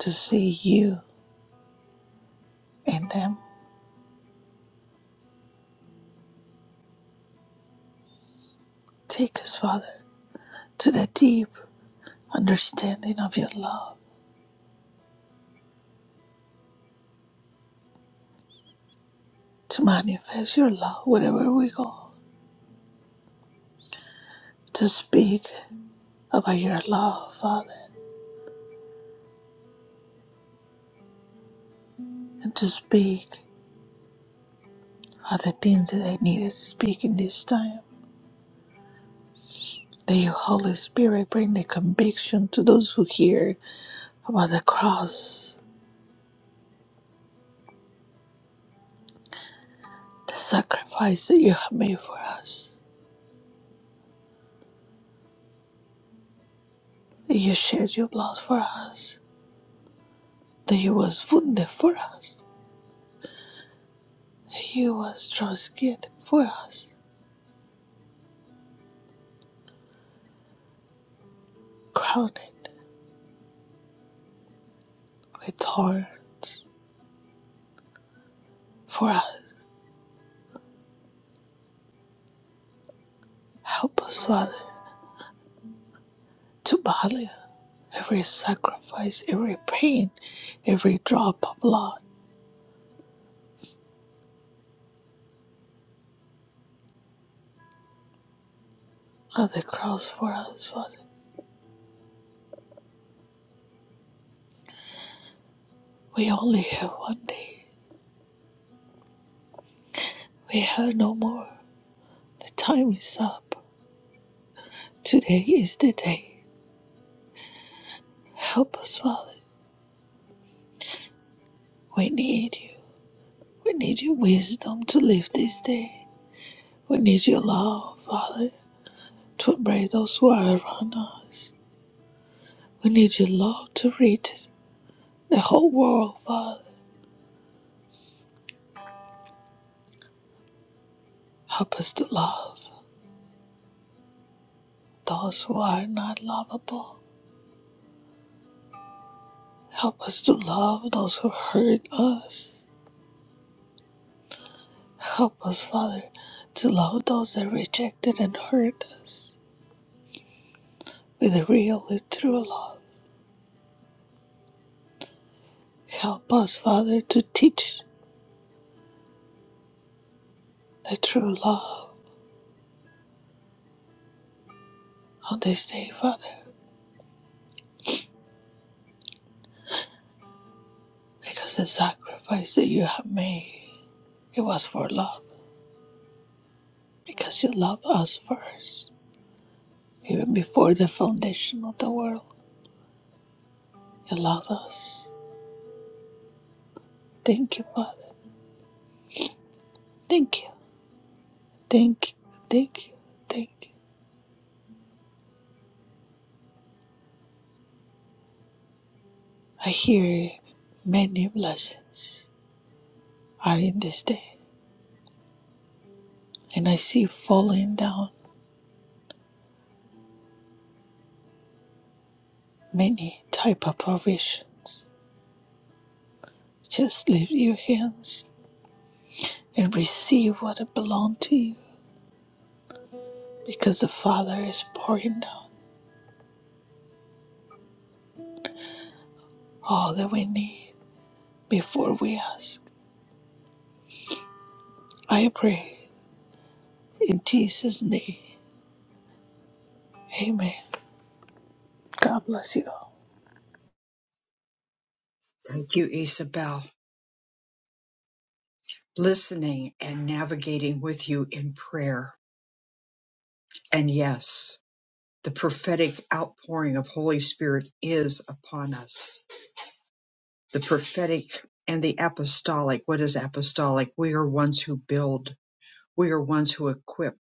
Speaker 3: to see you in them. Take us, Father, to the deep understanding of your love, to manifest your love wherever we go to speak about your love, Father, and to speak of the things that I needed to speak in this time. That your Holy Spirit bring the conviction to those who hear about the cross, the sacrifice that you have made for us, that you shed your blood for us, that you was wounded for us, that you was trusted for us, crowned with thorns for us. Help us, Father, to value every sacrifice, every pain, every drop of blood on the cross for us, Father. We only have one day. We have no more. The time is up. Today is the day. Help us, Father. We need you. We need your wisdom to live this day. We need your love, Father, to embrace those who are around us. We need your love to reach the whole world, Father. Help us to love those who are not lovable. Help us to love those who hurt us. Help us, Father, to love those that rejected and hurt us with a real and true love. Help us, Father, to teach the true love on this day, Father, because the sacrifice that you have made, it was for love, because you loved us first, even before the foundation of the world. You love us. Thank you, Father. Thank you. Thank you. Thank you. Thank you. I hear many blessings are in this day, and I see falling down many type of provisions. Just lift your hands and receive what belongs to you, because the Father is pouring down all that we need before we ask. I pray in Jesus' name. Amen. God bless you.
Speaker 1: Thank you, Isabel. Listening and navigating with you in prayer. And yes, the prophetic outpouring of Holy Spirit is upon us. the prophetic and the apostolic. What is apostolic? We are ones who build, we are ones who equip.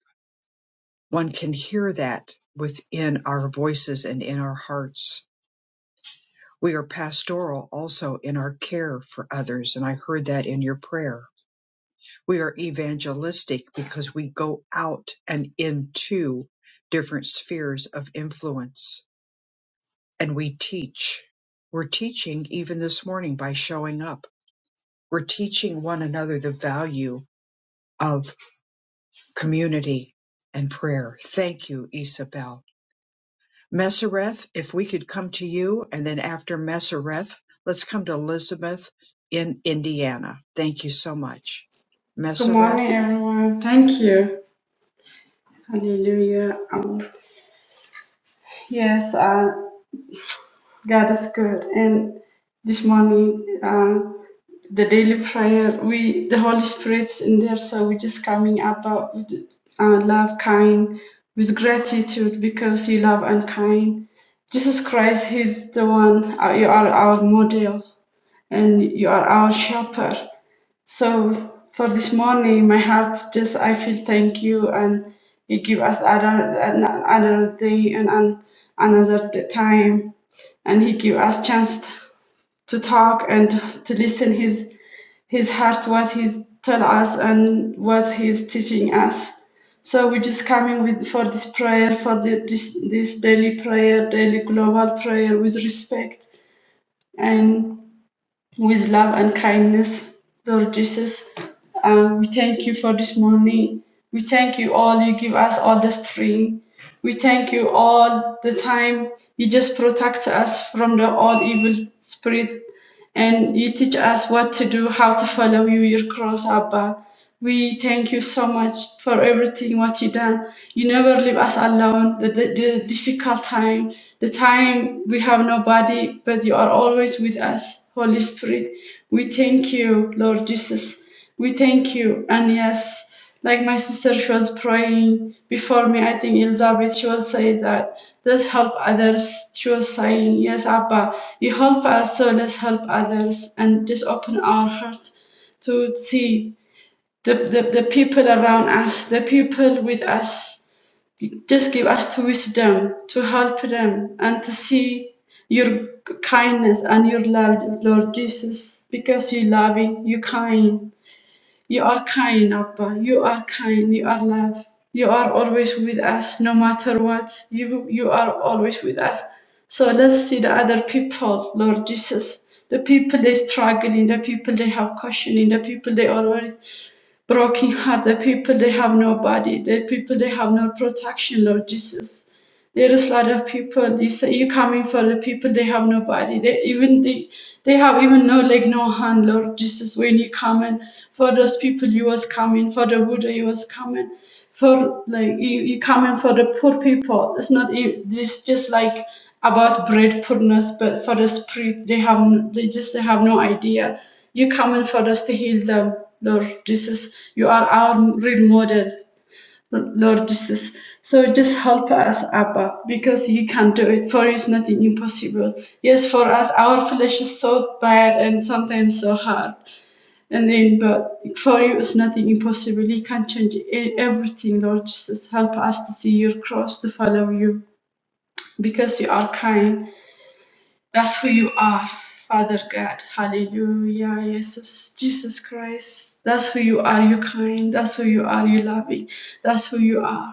Speaker 1: One can hear that within our voices and in our hearts. We are pastoral also in our care for others, and I heard that in your prayer. We are evangelistic because we go out and into different spheres of influence and we teach. We're teaching even this morning by showing up. We're teaching one another the value of community and prayer. Thank you, Isabel. Messereth, if we could come to you, and then after Messereth, let's come to Elizabeth in Indiana. Thank you so much.
Speaker 4: Good morning,
Speaker 1: Messereth,
Speaker 4: everyone. Thank you. Hallelujah. Um, yes, uh, God is good. And this morning, um, the daily prayer, we the Holy Spirit's in there, so we're just coming about with uh, love, kind, with gratitude because He love and kind. Jesus Christ, He's the one. Uh, you are our model, and you are our shepherd. So for this morning, my heart just I feel thank you and you give us another another day and an, another t- time and he give us chance to talk and to, to listen his his heart what he's tell us and what he's teaching us. So we just coming with for this prayer for the, this this daily prayer daily global prayer with respect and with love and kindness. Lord Jesus, um, we thank you for this morning. We thank you all. You give us all the strength. We thank you all the time. You just protect us from the all evil spirit and you teach us what to do, how to follow you, your cross, Abba. We thank you so much for everything what you done. You never leave us alone. The, the, the difficult time, the time we have nobody, but you are always with us, Holy Spirit. We thank you, Lord Jesus. We thank you. And yes, like my sister, she was praying before me. I think Elizabeth, she was saying that let's help others. She was saying, Yes, Abba, you help us, so let's help others and just open our heart to see the, the, the people around us, the people with us. Just give us the wisdom to help them and to see your kindness and your love, Lord Jesus, because you loving, you kind. You are kind, Abba. You are kind. You are love. You are always with us, no matter what. You you are always with us. So let's see the other people, Lord Jesus. The people they struggling, the people they have questioning, the people they already broken heart, the people they have nobody, the people they have no protection, Lord Jesus there is a lot of people. You say you coming for the people they have nobody. They even they they have even no like no hand, Lord Jesus. When you coming for those people, you was coming for the Buddha, you was coming for like you you coming for the poor people. It's not it's just like about bread poorness, but for the spirit they have n- they just they have no idea. You coming for us to heal them, Lord Jesus. You are our real model. Lord Jesus. So just help us, Abba, because you can do it. For you is nothing impossible. Yes, for us, our flesh is so bad and sometimes so hard. And then, but for you is nothing impossible. You can change e- everything, Lord Jesus. Help us to see your cross, to follow you, because you are kind. That's who you are. Father God, hallelujah, Jesus, Jesus Christ, that's who you are, you kind, that's who you are, you loving, that's who you are.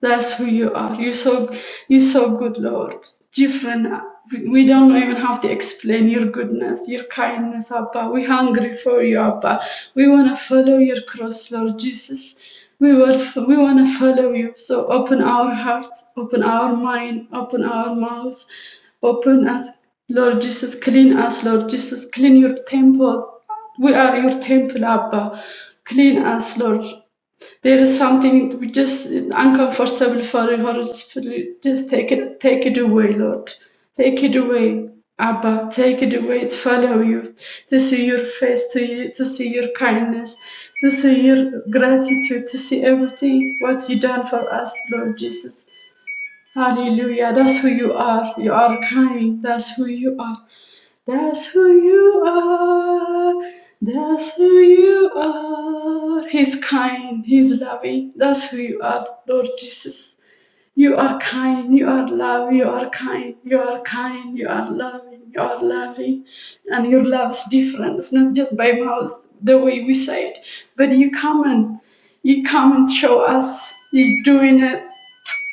Speaker 4: That's who you are. You're so you're so good, Lord. Different. We don't even have to explain your goodness, your kindness, Abba. We're hungry for you, Abba. We want to follow your cross, Lord Jesus. We will, we want to follow you. So open our heart, open our mind, open our mouths. open us, Lord Jesus. Clean us, Lord Jesus. Clean your temple. We are your temple, Abba. Clean us, Lord. There is something we just uncomfortable for her. It's really- Just take it, take it away, Lord. Take it away, Abba. Take it away. To follow you, to see your face, to you, to see your kindness, to see your gratitude, to see everything what you done for us, Lord Jesus. Hallelujah. That's who you are. You are kind. That's who you are. That's who you are. That's who you are. He's kind. He's loving. That's who you are, Lord Jesus. You are kind. You are love. You are kind. You are kind. You are loving. You are loving. And your love's different. It's not just by mouth, the way we say it, but you come and you come and show us. You're doing it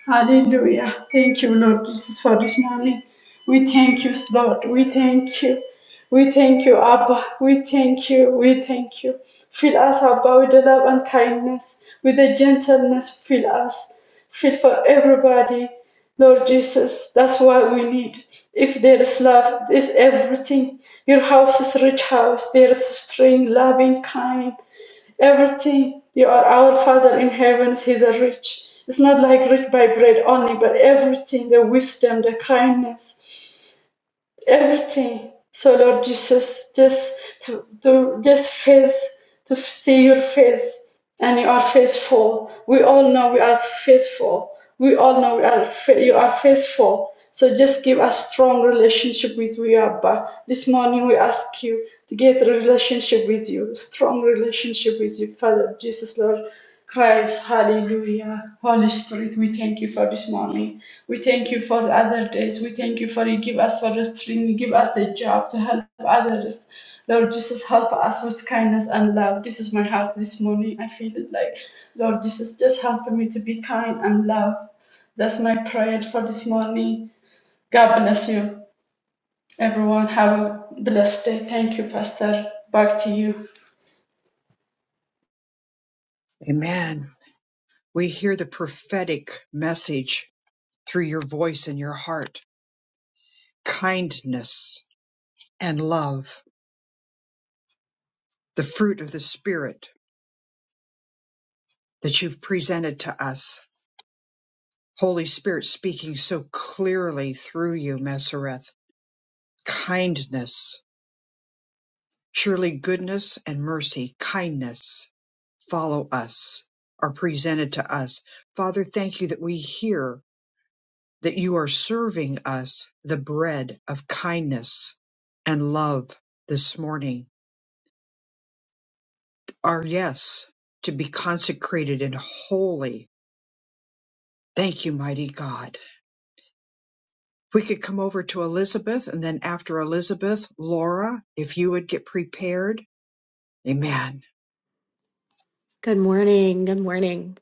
Speaker 4: Hallelujah. Thank you, Lord Jesus, for this morning. We thank you, Lord. We thank you. We thank you, Abba. We thank you. We thank you. Fill us, Abba, with the love and kindness, with the gentleness. Fill us. Fill for everybody. Lord Jesus, that's what we need. If there is love, there's everything. Your house is rich house. There is strength, loving, kind everything. You are our Father in heaven. He's a rich. It's not like rich by bread only, but everything the wisdom, the kindness, everything. So Lord Jesus, just to, to just face to see your face, and you are faithful. We all know we are faithful. We all know we are you are faithful. So just give us strong relationship with you, Abba. This morning we ask you to get a relationship with you, strong relationship with you, Father Jesus, Lord. Christ, hallelujah. Holy Spirit, we thank you for this morning. We thank you for the other days. We thank you for you give us for restraint. You give us the job to help others. Lord Jesus, help us with kindness and love. This is my heart this morning. I feel it like, Lord Jesus, just help me to be kind and love. That's my prayer for this morning. God bless you. Everyone, have a blessed day. Thank you, Pastor. Back to you.
Speaker 1: amen. We hear the prophetic message through your voice and your heart kindness and love, the fruit of the Spirit that you've presented to us. Holy Spirit speaking so clearly through you, Messereth. Kindness, surely goodness and mercy, kindness follow us, are presented to us. Father, thank you that we hear that you are serving us the bread of kindness and love this morning. Our yes to be consecrated and holy. Thank you, mighty God. If we could come over to Elizabeth and then after Elizabeth, Laura, if you would get prepared. Amen.
Speaker 5: Good morning. Good morning.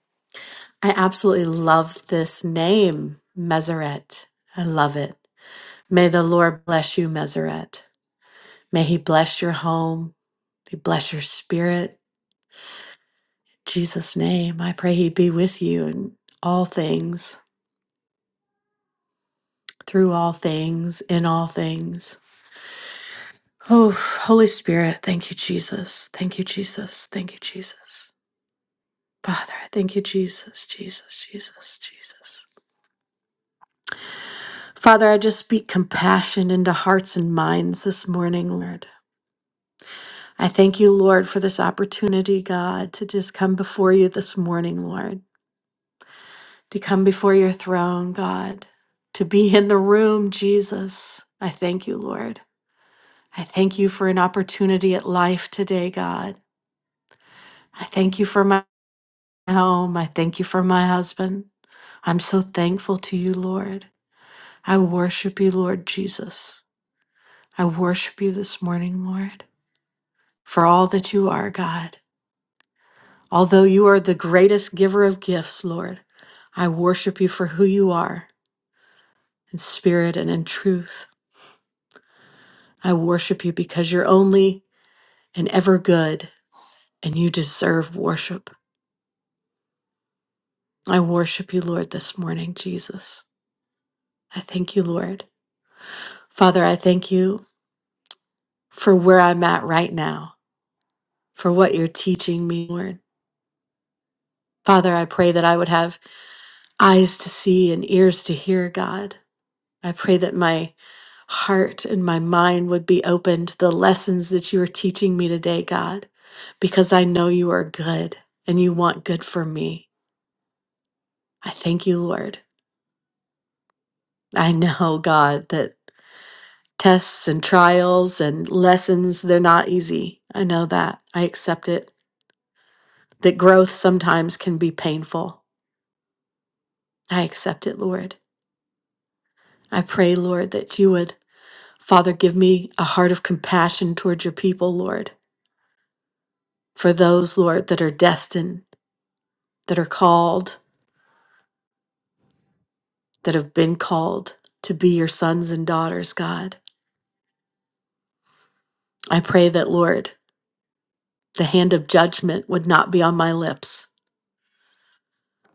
Speaker 5: I absolutely love this name, Meseret. I love it. May the Lord bless you, Meseret. May he bless your home. He bless your spirit. In Jesus' name. I pray he be with you in all things, through all things, in all things. Oh, Holy Spirit, thank you, Jesus. Thank you, Jesus. Thank you, Jesus. Father, I thank you, Jesus, Jesus, Jesus, Jesus. Father, I just speak compassion into hearts and minds this morning, Lord. I thank you, Lord, for this opportunity, God, to just come before you this morning, Lord, to come before your throne, God, to be in the room, Jesus. I thank you, Lord. I thank you for an opportunity at life today, God. I thank you for my home. I thank you for my husband. I'm so thankful to you, Lord. I worship you, Lord Jesus. I worship you this morning, Lord. for all that you are, God. Although you are the greatest giver of gifts, Lord, I worship you for who you are in spirit and in truth. I worship you because you're only and ever good and you deserve worship. I worship you, Lord, this morning, Jesus. I thank you, Lord. Father, I thank you for where I'm at right now, for what you're teaching me, Lord. Father, I pray that I would have eyes to see and ears to hear, God I pray that my heart and my mind would be open to the lessons that you are teaching me today, God, because I know you are good and you want good for me. I thank you, Lord. I know, God, that tests and trials and lessons, they're not easy. I know that. I accept it. That growth sometimes can be painful. I accept it, Lord. I pray, Lord, that you would, Father, give me a heart of compassion towards your people, Lord for those, Lord, that are destined, that are called, that have been called to be your sons and daughters, God. I pray that, Lord, the hand of judgment would not be on my lips.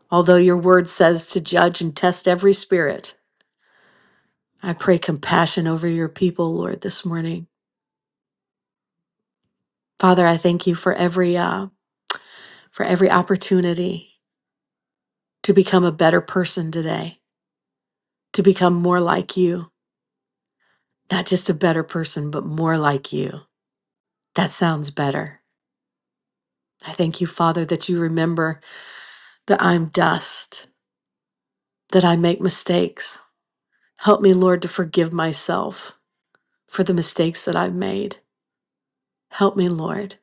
Speaker 5: Although your word says to judge and test every spirit, I pray compassion over your people, Lord, this morning. Father, I thank you for every uh, for every opportunity to become a better person today, to become more like you, not just a better person, but more like you. That sounds better. I thank you, Father, that you remember that I'm dust, that I make mistakes. Help me, Lord, to forgive myself for the mistakes that I've made. Help me, Lord.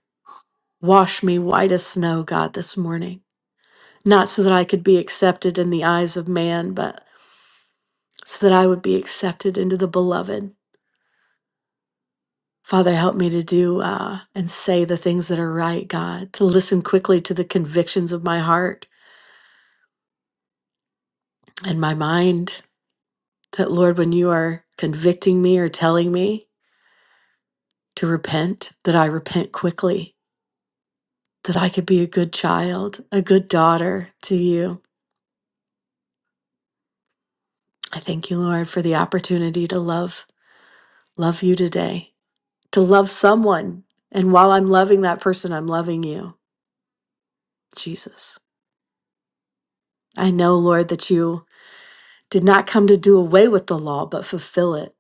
Speaker 5: Wash me white as snow, God, this morning. Not so that I could be accepted in the eyes of man, but so that I would be accepted into the beloved. Father, help me to do uh, and say the things that are right, God, to listen quickly to the convictions of my heart and my mind. That, Lord, when you are convicting me or telling me, to repent, that I repent quickly, that I could be a good child, a good daughter to you. I thank you, Lord, for the opportunity to love, love you today, to love someone. And while I'm loving that person, I'm loving you, Jesus. I know, Lord, that you did not come to do away with the law, but fulfill it.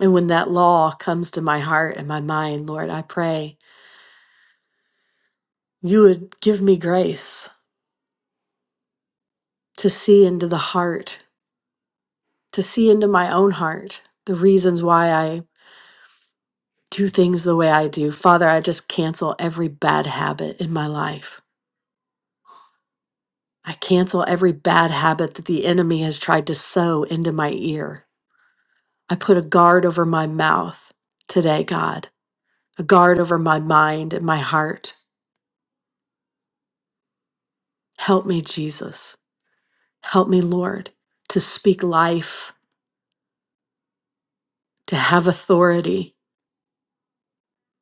Speaker 5: And when that law comes to my heart and my mind, Lord, I pray you would give me grace to see into the heart, to see into my own heart the reasons why I. do things the way I do. Father, I just cancel every bad habit in my life. I cancel every bad habit that the enemy has tried to sow into my ear. I put a guard over my mouth today, God, a guard over my mind and my heart. Help me, Jesus. Help me, Lord, to speak life, to have authority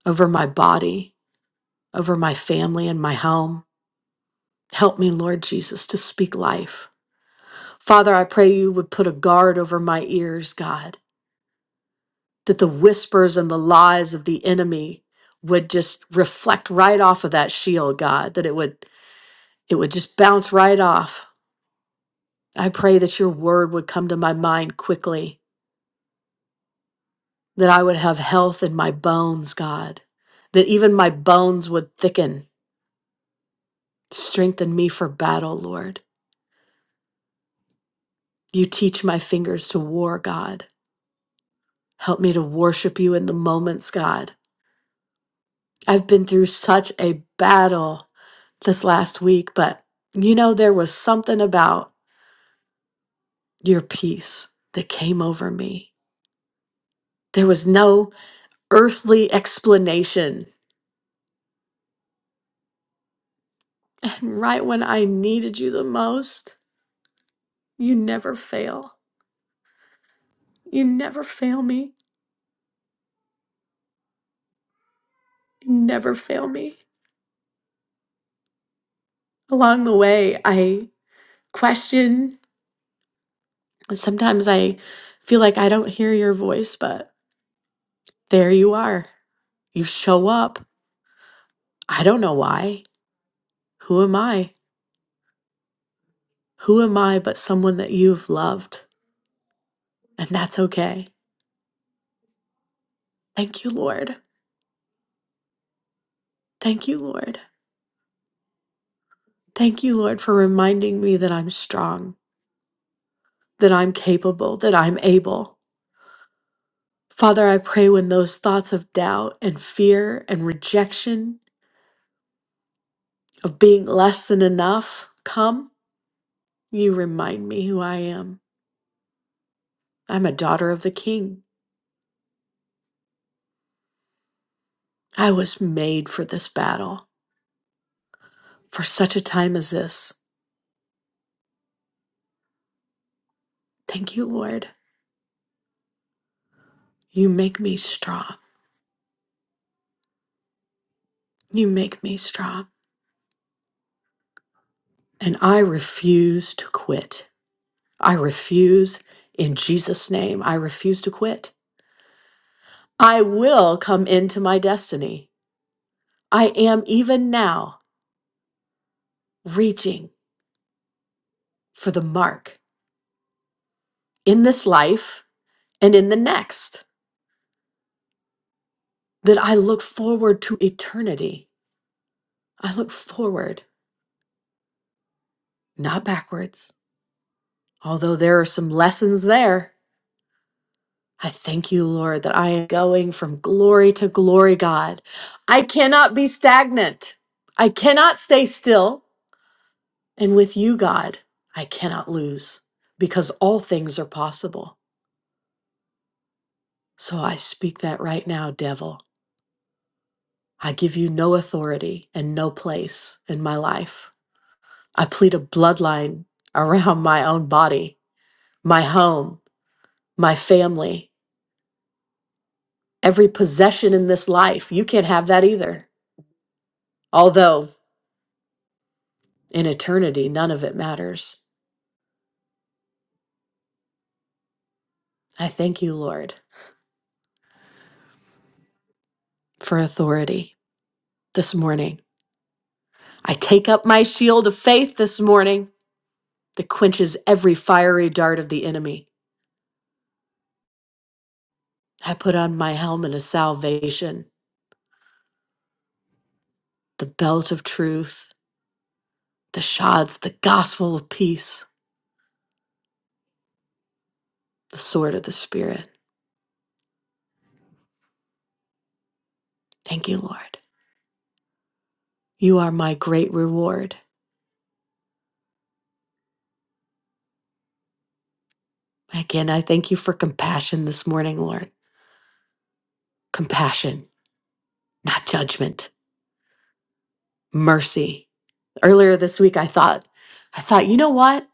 Speaker 5: over my body, over my family and my home. Help me, Lord Jesus, to speak life. Father, I pray you would put a guard over my ears, God, that the whispers and the lies of the enemy would just reflect right off of that shield, God, that it would it would just bounce right off. I pray that your word would come to my mind quickly, that I would have health in my bones, God, that even my bones would thicken. Strengthen me for battle, Lord. You teach my fingers to war, God. Help me to worship you in the moments, God. I've been through such a battle this last week, but you know, there was something about your peace that came over me. There was no earthly explanation. And right when I needed you the most, you never fail. You never fail me. You never fail me. Along the way, I question, and sometimes I feel like I don't hear your voice, but there you are. You show up. I don't know why. Who am I? Who am I but someone that you've loved? And that's okay. Thank you, Lord. Thank you, Lord. Thank you, Lord, for reminding me that I'm strong, that I'm capable, that I'm able. Father, I pray when those thoughts of doubt and fear and rejection of being less than enough come, you remind me who I am. I'm a daughter of the King. I was made for this battle, for such a time as this. Thank you, Lord. You make me strong. You make me strong. And I refuse to quit. I refuse in Jesus' name. I refuse to quit. I will come into my destiny. I am even now reaching for the mark in this life and in the next that I look forward to eternity. I look forward, not backwards, although there are some lessons there I thank you, Lord, that I am going from glory to glory, God. I cannot be stagnant. I cannot stay still. And with you, God, I cannot lose because all things are possible. So I speak that right now, devil. I give you no authority and no place in my life. I plead a bloodline around my own body, my home, my family, every possession in this life. You can't have that either. Although In eternity, none of it matters. I thank you, Lord, for authority this morning. I take up my shield of faith this morning that quenches every fiery dart of the enemy. I put on my helmet of salvation, the belt of truth, the shods, the gospel of peace, the sword of the Spirit. Thank you, Lord. You are my great reward. Again, I thank you for compassion this morning, Lord. Compassion, not judgment, mercy, earlier this week i thought i thought you know what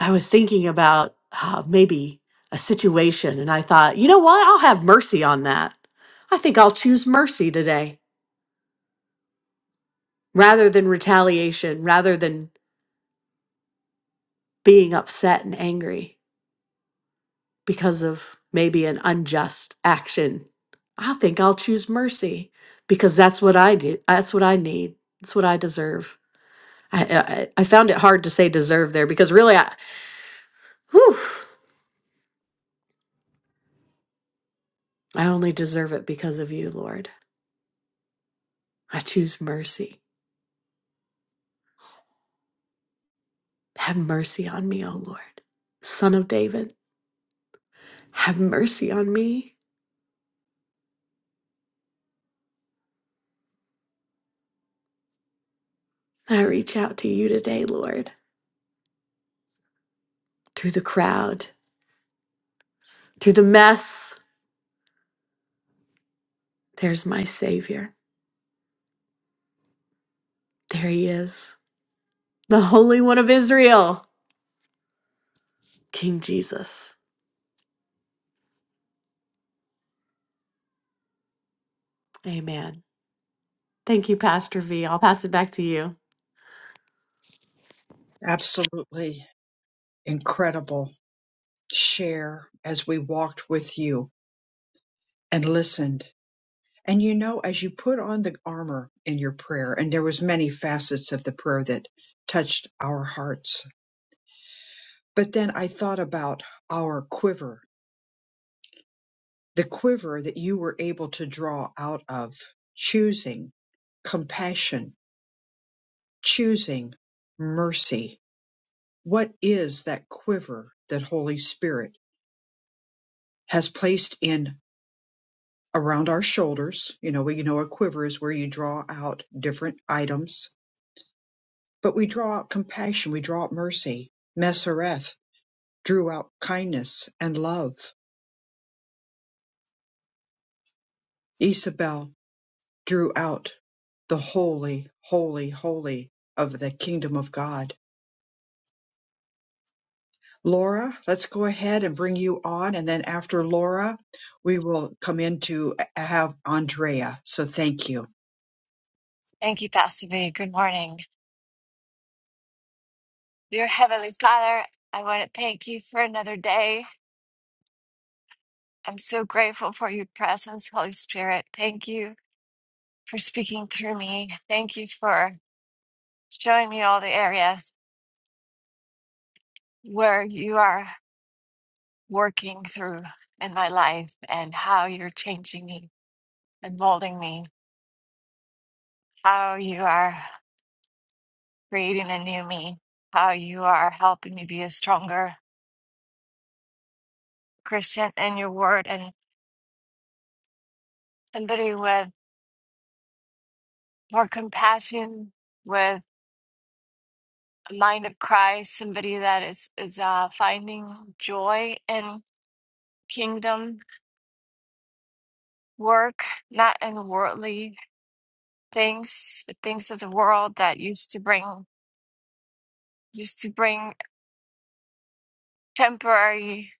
Speaker 5: i was thinking about uh, maybe a situation and i thought you know what i'll have mercy on that i think i'll choose mercy today rather than retaliation rather than being upset and angry because of maybe an unjust action i think i'll choose mercy because that's what i do that's what i need that's what i deserve i i, I found it hard to say deserve there because really i whew, I only deserve it because of you, Lord. I choose mercy. Have mercy on me, O Lord. Son of David, have mercy on me. I reach out to you today, Lord. Through the crowd, through the mess, there's my Savior. There he is, the Holy One of Israel, King Jesus. Amen. Thank you, Pastor V. I'll pass it back to you.
Speaker 1: Absolutely incredible share as we walked with you and listened. And you know, as you put on the armor in your prayer, and there was many facets of the prayer that touched our hearts. But then I thought about our quiver, the quiver that you were able to draw out of choosing compassion, choosing mercy. What is that quiver that Holy Spirit has placed in around our shoulders. You know, we you know a quiver is where you draw out different items, but we draw out compassion, we draw out mercy. Messereth drew out kindness and love. Isabel drew out the holy, holy, holy of the kingdom of God. Laura, let's go ahead and bring you on, and then after Laura, we will come in to have Andrea. So thank you.
Speaker 6: Thank you, Pastor V. Good morning. Dear Heavenly Father, I want to thank you for another day. I'm so grateful for your presence, Holy Spirit. Thank you for speaking through me. Thank you for showing me all the areas where you are working through in my life and how you're changing me and molding me, how you are creating a new me, how you are helping me be a stronger Christian in your word and somebody with More compassion with mind of Christ, somebody that is is uh, finding joy in kingdom work, not in worldly things, the things of the world that used to bring used to bring temporary,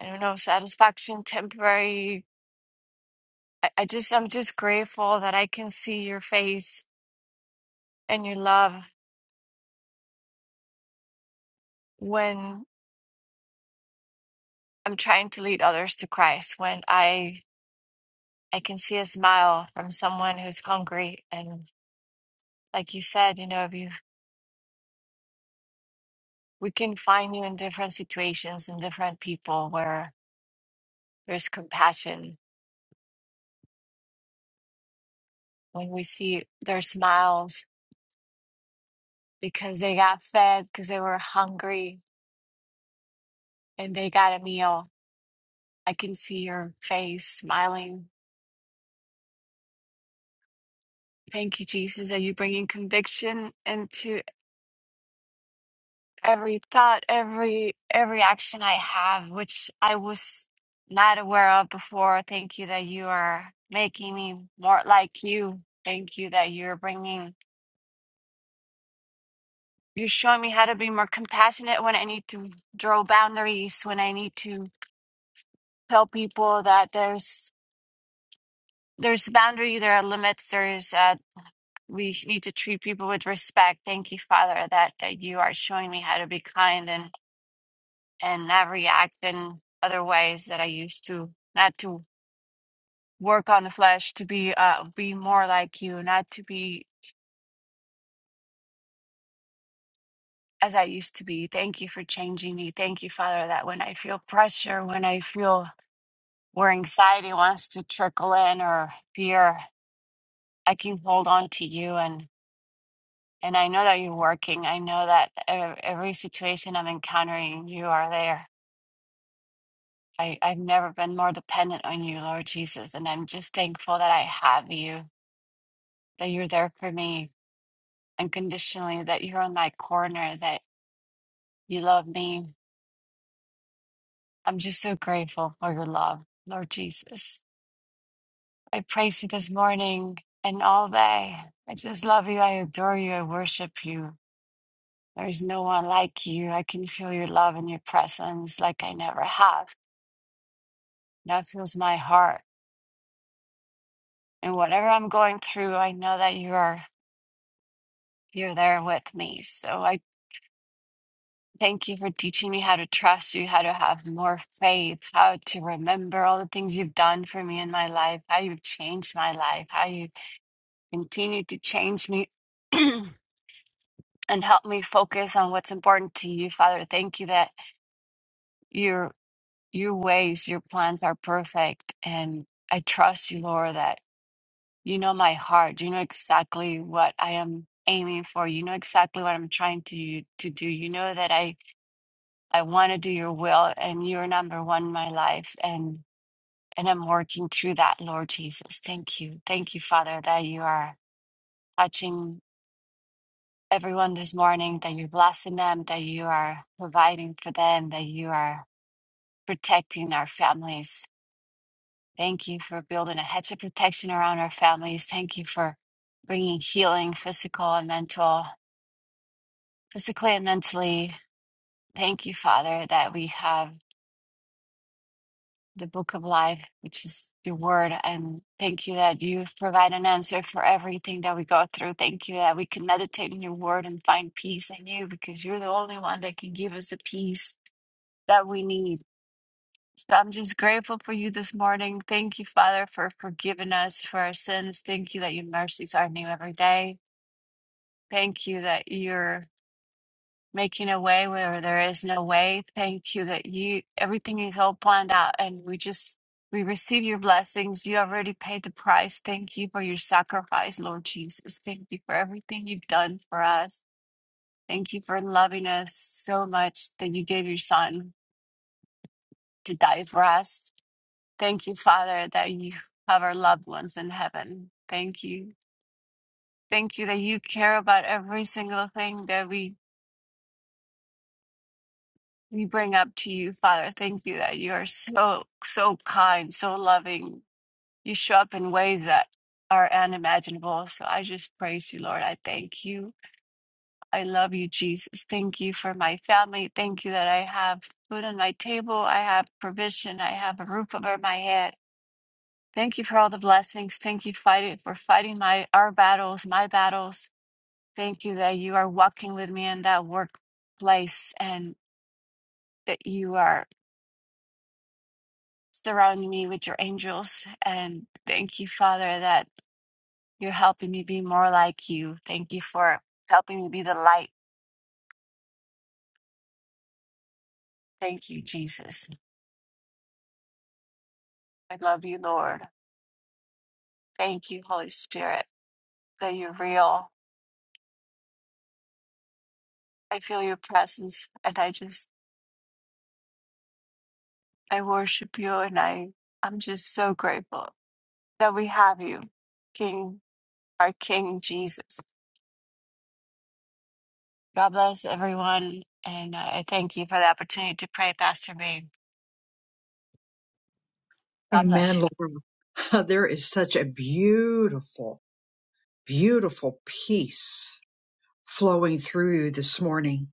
Speaker 6: I don't know, satisfaction, temporary. I, I just I'm just grateful that I can see your face and your love when I'm trying to lead others to Christ, when I I can see a smile from someone who's hungry and. like you said, you know, if you we can find you in different situations and different people where there's compassion when we see their smiles because they got fed, because they were hungry and they got a meal. I can see your face smiling. Thank you, Jesus, that you bringing conviction into every thought, every every action I have, which I was not aware of before. Thank you that you are making me more like you. Thank you that you're bringing You're showing me how to be more compassionate when I need to draw boundaries, when I need to tell people that there's there's boundary, there are limits, there's uh, we need to treat people with respect. Thank you, Father, that that you are showing me how to be kind and and not react in other ways that I used to, not to work on the flesh, to be uh be more like you, not to be as I used to be. Thank you for changing me. Thank you, Father, that when I feel pressure, when I feel where anxiety wants to trickle in or fear, I can hold on to you. And, and I know that you're working. I know that e- every situation I'm encountering, you are there. I, I've never been more dependent on you, Lord Jesus. And I'm just thankful that I have you, that you're there for me unconditionally, that you're on my corner, that you love me. I'm just so grateful for your love, Lord Jesus. I praise you this morning and all day. I just love you. I adore you. I worship you. There is no one like you. I can feel your love and your presence like I never have. That fills my heart. And whatever I'm going through, I know that you are you're there with me. So I thank you for teaching me how to trust you, how to have more faith, how to remember all the things you've done for me in my life, how you've changed my life, how you continue to change me and help me focus on what's important to you, Father. Thank you that. you're. Your ways, your plans are perfect. And I trust you, Lord, that you know my heart. You know exactly what I am aiming for. You know exactly what I'm trying to to do. You know that I I want to do your will and you're number one in my life. And and I'm working through that, Lord Jesus. Thank you. Thank you, Father, that you are touching everyone this morning, that you're blessing them, that you are providing for them, that you are protecting our families Thank you for building a hedge of protection around our families. Thank you for bringing healing, physical and mental, physically and mentally. Thank you, Father, that we have the book of life, which is your word. And thank you that you provide an answer for everything that we go through. Thank you that we can meditate in your word and find peace in you because you're the only one that can give us the peace that we need. So I'm just grateful for you this morning. Thank you, Father, for forgiving us for our sins. Thank you that your mercies are new every day. Thank you that you're making a way where there is no way. Thank you that you everything is all planned out and we just we receive your blessings. You already paid the price. Thank you for your sacrifice, Lord Jesus. Thank you for everything you've done for us. Thank you for loving us so much that you gave your son to die for us. Thank you, Father, that you have our loved ones in heaven. Thank you. Thank you that you care about every single thing that we we bring up to you, Father. Thank you that you are so so kind, so loving. You show up in ways that are unimaginable. So I just praise you, Lord. I thank you. I love you, Jesus. Thank you for my family. Thank you that I have food on my table. I have provision. I have a roof over my head. Thank you for all the blessings. Thank you fighting for fighting my our battles, my battles. Thank you that you are walking with me in that workplace and that you are surrounding me with your angels. And thank you, Father, that you're helping me be more like you. Thank you for helping me be the light. Thank you, Jesus. I love you, Lord. Thank you, Holy Spirit, that you're real. I feel your presence and I just I worship you and I I'm just so grateful that we have you, King, our King Jesus. God bless everyone. And uh, I thank you for the opportunity to pray, Pastor B. God bless
Speaker 1: Amen,
Speaker 6: you.
Speaker 1: Laura. There is such a beautiful beautiful peace flowing through you this morning.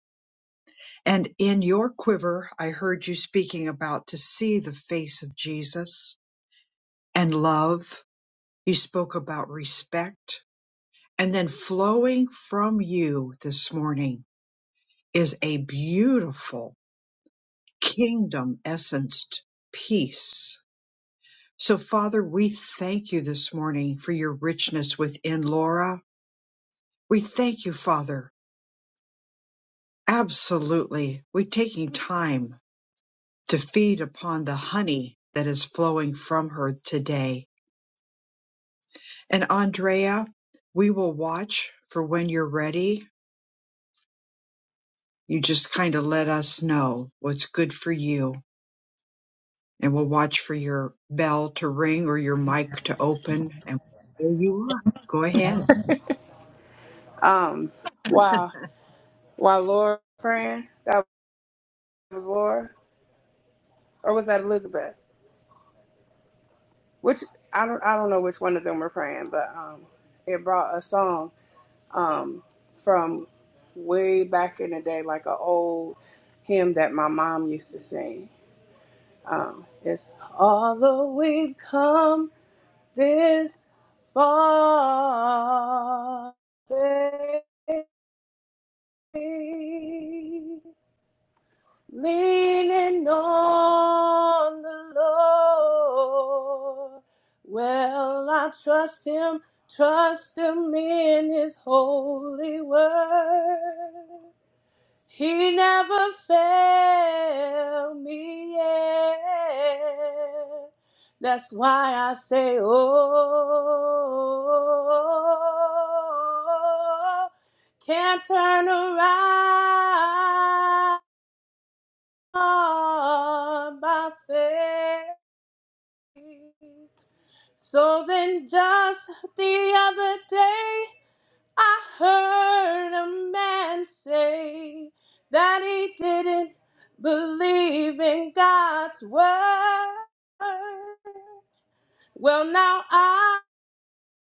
Speaker 1: And in your quiver, I heard you speaking about to see the face of Jesus and love. You spoke about respect. And then flowing from you this morning is a beautiful kingdom essenced peace. So, Father, we thank you this morning for your richness within Laura. We thank you, Father. Absolutely. We're taking time to feed upon the honey that is flowing from her today. And Andrea, we will watch for when you're ready. You just kind of let us know what's good for you, and we'll watch for your bell to ring or your mic to open. And there you are. Go ahead.
Speaker 7: Um, while while Laura praying, that was Laura, or was that Elizabeth? Which I don't I don't know which one of them were praying, but um, it brought a song um from way back in the day, like an old hymn that my mom used to sing. Um, it's although we've come this far. babe. Leaning on the Lord. Well, I trust him, trust him in his holy word. He never failed me yet. That's why I say, oh, can't turn around on by faith. So then, just the other day, I heard a man say that he didn't believe in God's word. Well, now I,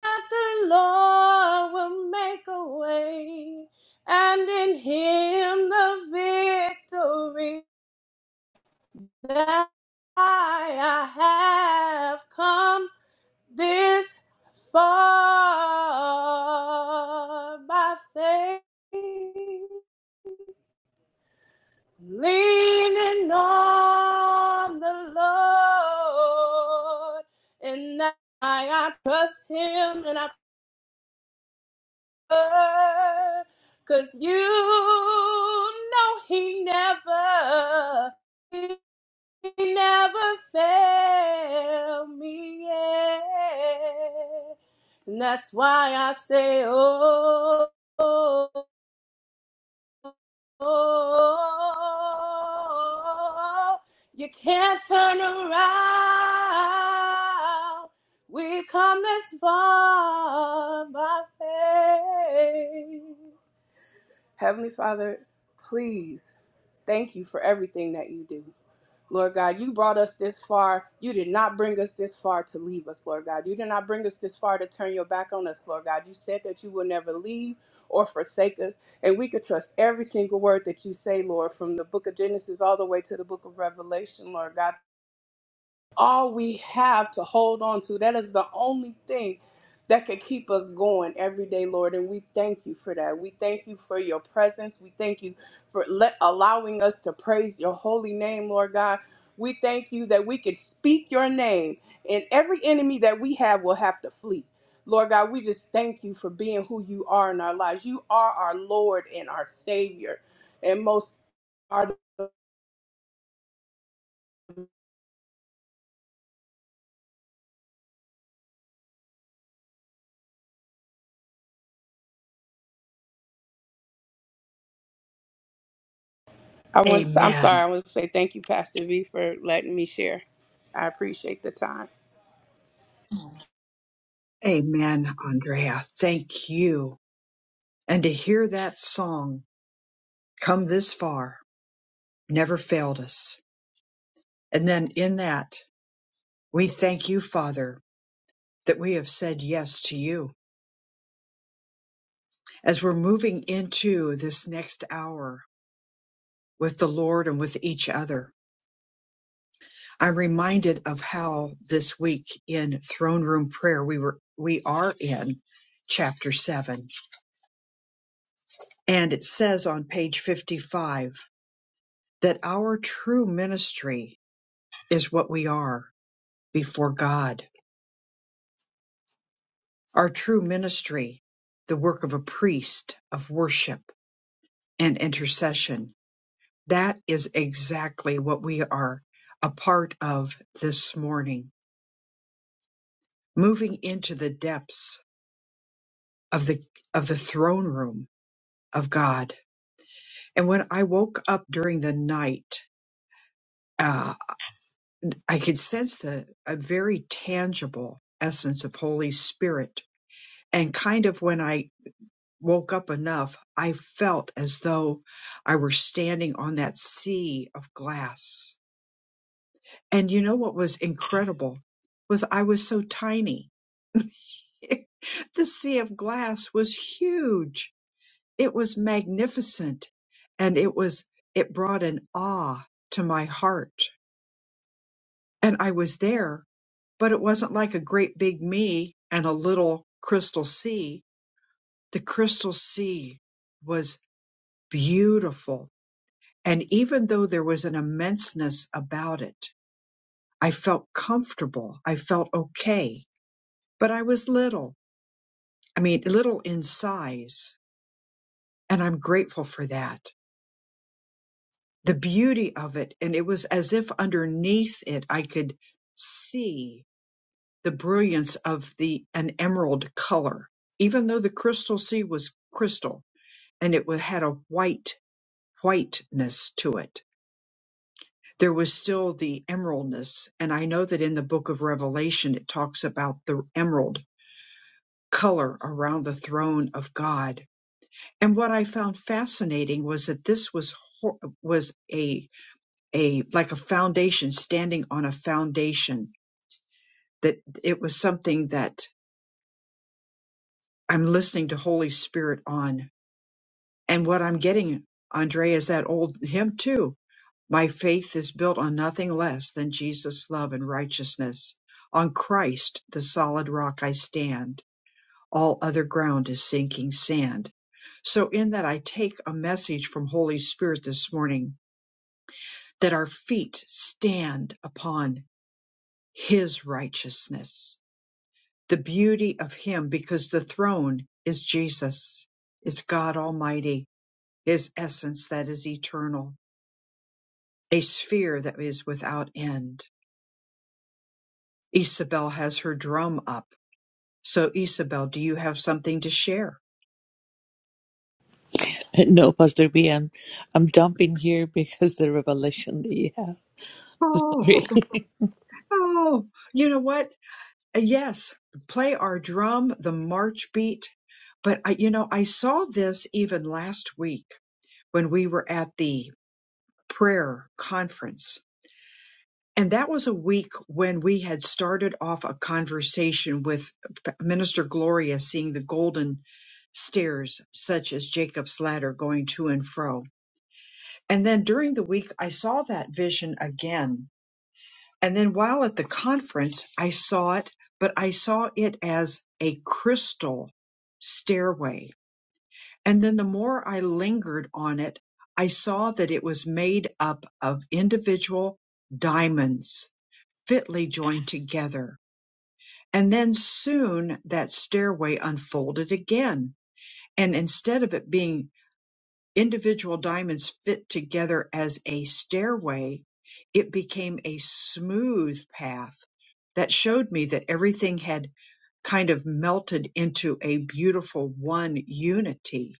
Speaker 7: the Lord, will make a way, and in Him the victory. that I have come this far by faith, leaning on the Lord, and that I trust Him and I heard, 'cause you know He never. He never failed me yet. And that's why I say, oh, oh, oh, you can't turn around. We come this far by faith. Heavenly Father, please thank you for everything that you do. Lord God, you brought us this far. You did not bring us this far to leave us, Lord God. You did not bring us this far to turn your back on us, Lord God. You said that you will never leave or forsake us, and we could trust every single word that you say, Lord, from the book of Genesis all the way to the book of Revelation, Lord God all we have to hold on to. That is the only thing that can keep us going every day, Lord. And we thank you for that. We thank you for your presence. We thank you for let, allowing us to praise your holy name, Lord God. We thank you that we can speak your name, and every enemy that we have will have to flee. Lord God, we just thank you for being who you are in our lives. You are our Lord and our Savior, and most are. I want. To, I'm sorry.
Speaker 1: Amen.
Speaker 7: I want to say thank you, Pastor V, for letting me share. I appreciate the time.
Speaker 1: Amen, Andrea. Thank you. And to hear that song come this far never failed us. And then in that, we thank you, Father, that we have said yes to you as we're moving into this next hour with the Lord and with each other. I'm reminded of how this week in throne room prayer we were we are in chapter 7 and it says on page 55 that our true ministry is what we are before God. Our true ministry, the work of a priest of worship and intercession That is exactly what we are a part of this morning, moving into the depths of the of the throne room of God. And when I woke up during the night, uh, I could sense the a very tangible essence of Holy Spirit. And kind of when I woke up enough, I felt as though I were standing on that sea of glass. And you know what was incredible was I was so tiny The sea of glass was huge. It was magnificent. And it was, it brought an awe to my heart. And I was there, but it wasn't like a great big me and a little crystal sea. The crystal sea was beautiful. And even though there was an immenseness about it, I felt comfortable. I felt okay. But I was little. I mean, little in size. And I'm grateful for that. the beauty of it. And it was as if underneath it, I could see the brilliance of the, an emerald color, even though the crystal sea was crystal and it wa- had a white, whiteness to it. There was still the emeraldness. And I know that in the book of Revelation, it talks about the emerald color around the throne of God. And what I found fascinating was that this was, hor- was a a like a foundation standing on a foundation that it was something that i'm listening to holy spirit on and what i'm getting andre is that old hymn too my faith is built on nothing less than jesus love and righteousness on christ the solid rock i stand all other ground is sinking sand so in that i take a message from holy spirit this morning that our feet stand upon his righteousness The beauty of him because the throne is Jesus, is God Almighty, his essence that is eternal, a sphere that is without end. Isabel has her drum up. So Isabel, do you have something to share?
Speaker 3: No, Pastor B, I'm, I'm dumping here because the revelation that you have.
Speaker 1: Oh,
Speaker 3: Sorry.
Speaker 1: oh, you know what? Yes, play our drum, the march beat. But I, you know, I saw this even last week when we were at the prayer conference And that was a week when we had started off a conversation with Minister Gloria seeing the golden stairs, such as Jacob's ladder, going to and fro. And then during the week, I saw that vision again. And then while at the conference, I saw it, but I saw it as a crystal stairway. And then the more I lingered on it, I saw that it was made up of individual diamonds fitly joined together. And then soon that stairway unfolded again. And instead of it being individual diamonds fit together as a stairway, it became a smooth path that showed me that everything had kind of melted into a beautiful one unity.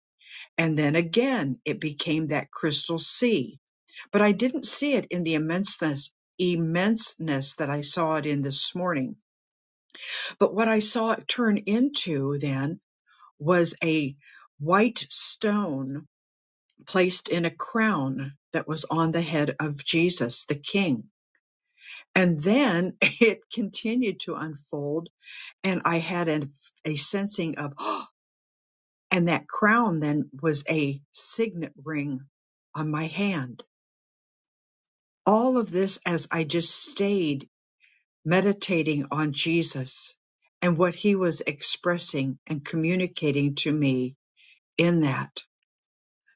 Speaker 1: And then again, it became that crystal sea. But I didn't see it in the immenseness, immenseness that I saw it in this morning But what I saw it turn into then was a white stone placed in a crown that was on the head of Jesus, the King. And then it continued to unfold, and I had a, a sensing of, "Oh," and that crown then was a signet ring on my hand. All of this as I just stayed meditating on Jesus and what he was expressing and communicating to me in that.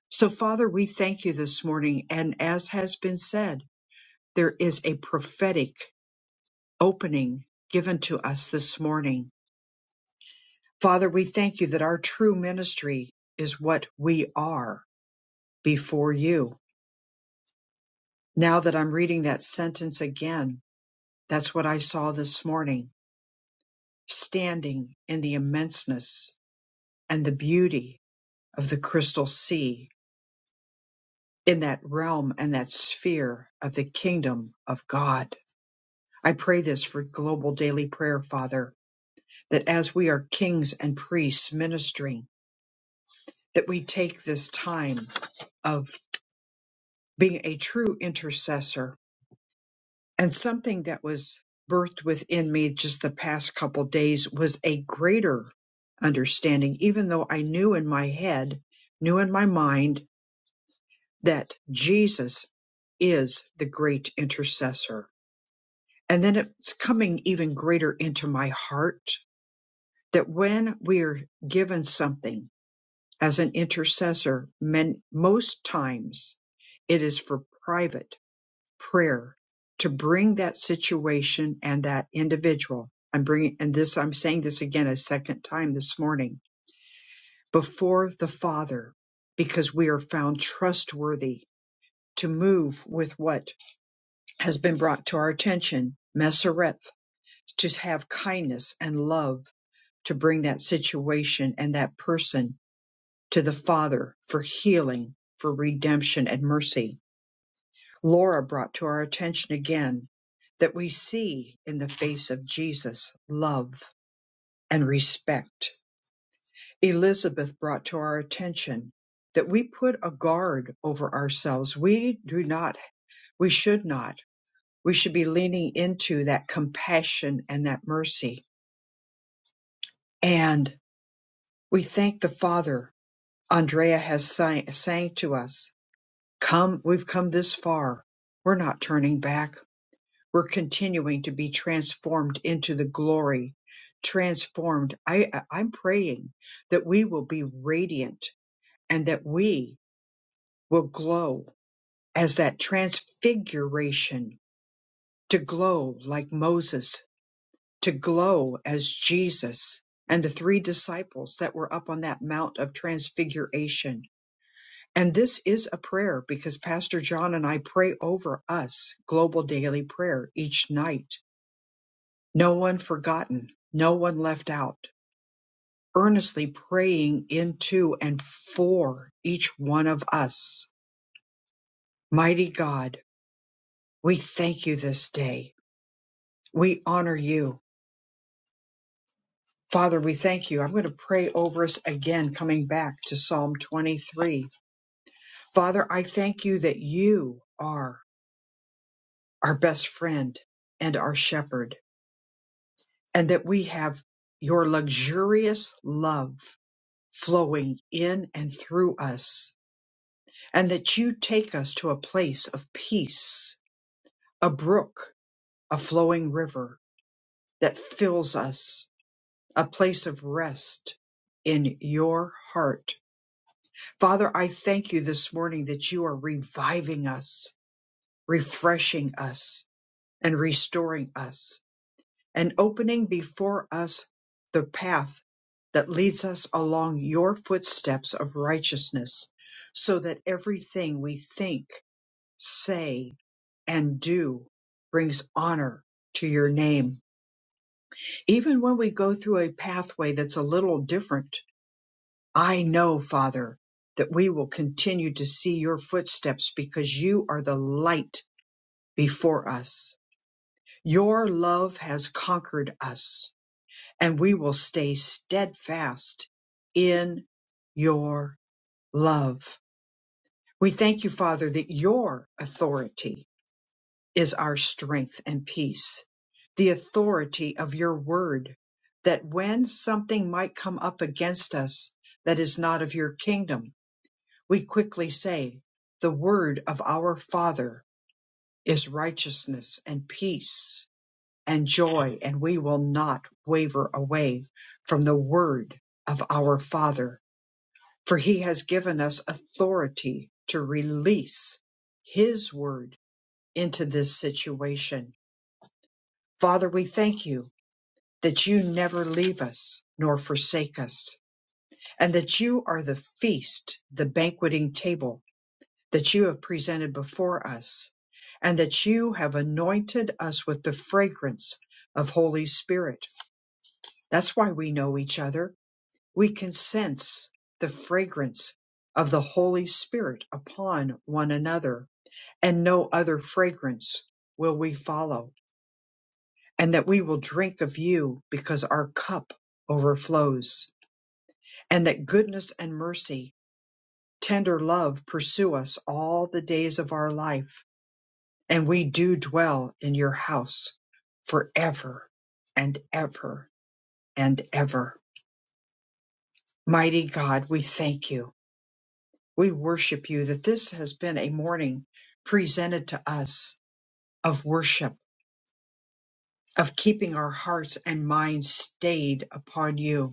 Speaker 1: So, Father, we thank you this morning. And as has been said, there is a prophetic opening given to us this morning. Father, we thank you that our true ministry is what we are before you. Now that I'm reading that sentence again, that's what I saw this morning, standing in the immenseness and the beauty of the crystal sea in that realm and that sphere of the kingdom of God. I pray this for global daily prayer, Father, that as we are kings and priests ministering, that we take this time of being a true intercessor. And something that was birthed within me just the past couple days was a greater understanding, even though I knew in my head, knew in my mind that Jesus is the great intercessor. And then it's coming even greater into my heart that when we're given something as an intercessor, men, most times it is for private prayer to bring that situation and that individual. I'm bringing, and this, I'm saying this again a second time this morning before the Father, because we are found trustworthy to move with what has been brought to our attention. Messereth, to have kindness and love to bring that situation and that person to the Father for healing, for redemption and mercy. Laura brought to our attention again that we see in the face of Jesus love and respect. Elizabeth brought to our attention that we put a guard over ourselves. We do not, we should not, we should be leaning into that compassion and that mercy. And we thank the Father. Andrea has sang, sang to us Come, we've come this far. We're not turning back. We're continuing to be transformed into the glory. Transformed. I, I- I'm praying that we will be radiant and that we will glow as that transfiguration to glow like Moses, to glow as Jesus and the three disciples that were up on that Mount of Transfiguration And this is a prayer because Pastor John and I pray over us global daily prayer each night. No one forgotten, no one left out, earnestly praying into and for each one of us. Mighty God, we thank you this day. We honor you. Father, we thank you. I'm going to pray over us again, coming back to Psalm 23. Father, I thank you that you are our best friend and our shepherd. and that we have your luxurious love flowing in and through us, and that you take us to a place of peace, a brook, a flowing river that fills us, a place of rest in your heart. Father, I thank you this morning that you are reviving us, refreshing us, and restoring us and opening before us the path that leads us along your footsteps of righteousness, so that everything we think, say, and do brings honor to your name. Even when we go through a pathway that's a little different, I know, Father, that we will continue to see your footsteps because you are the light before us. Your love has conquered us and we will stay steadfast in your love. We thank you, Father, that your authority is our strength and peace, the authority of your word, that when something might come up against us that is not of your kingdom, we quickly say, the word of our Father is righteousness and peace and joy, and we will not waver away from the word of our Father, for he has given us authority to release his word into this situation. Father, we thank you that you never leave us nor forsake us, and that you are the feast, the banqueting table that you have presented before us, and that you have anointed us with the fragrance of Holy Spirit That's why we know each other. We can sense the fragrance of the Holy Spirit upon one another, and no other fragrance will we follow, and that we will drink of you because our cup overflows, and that goodness and mercy, tender love pursue us all the days of our life, and we do dwell in your house forever and ever and ever. Mighty God, we thank you. We worship you that this has been a morning presented to us of worship, of keeping our hearts and minds stayed upon you.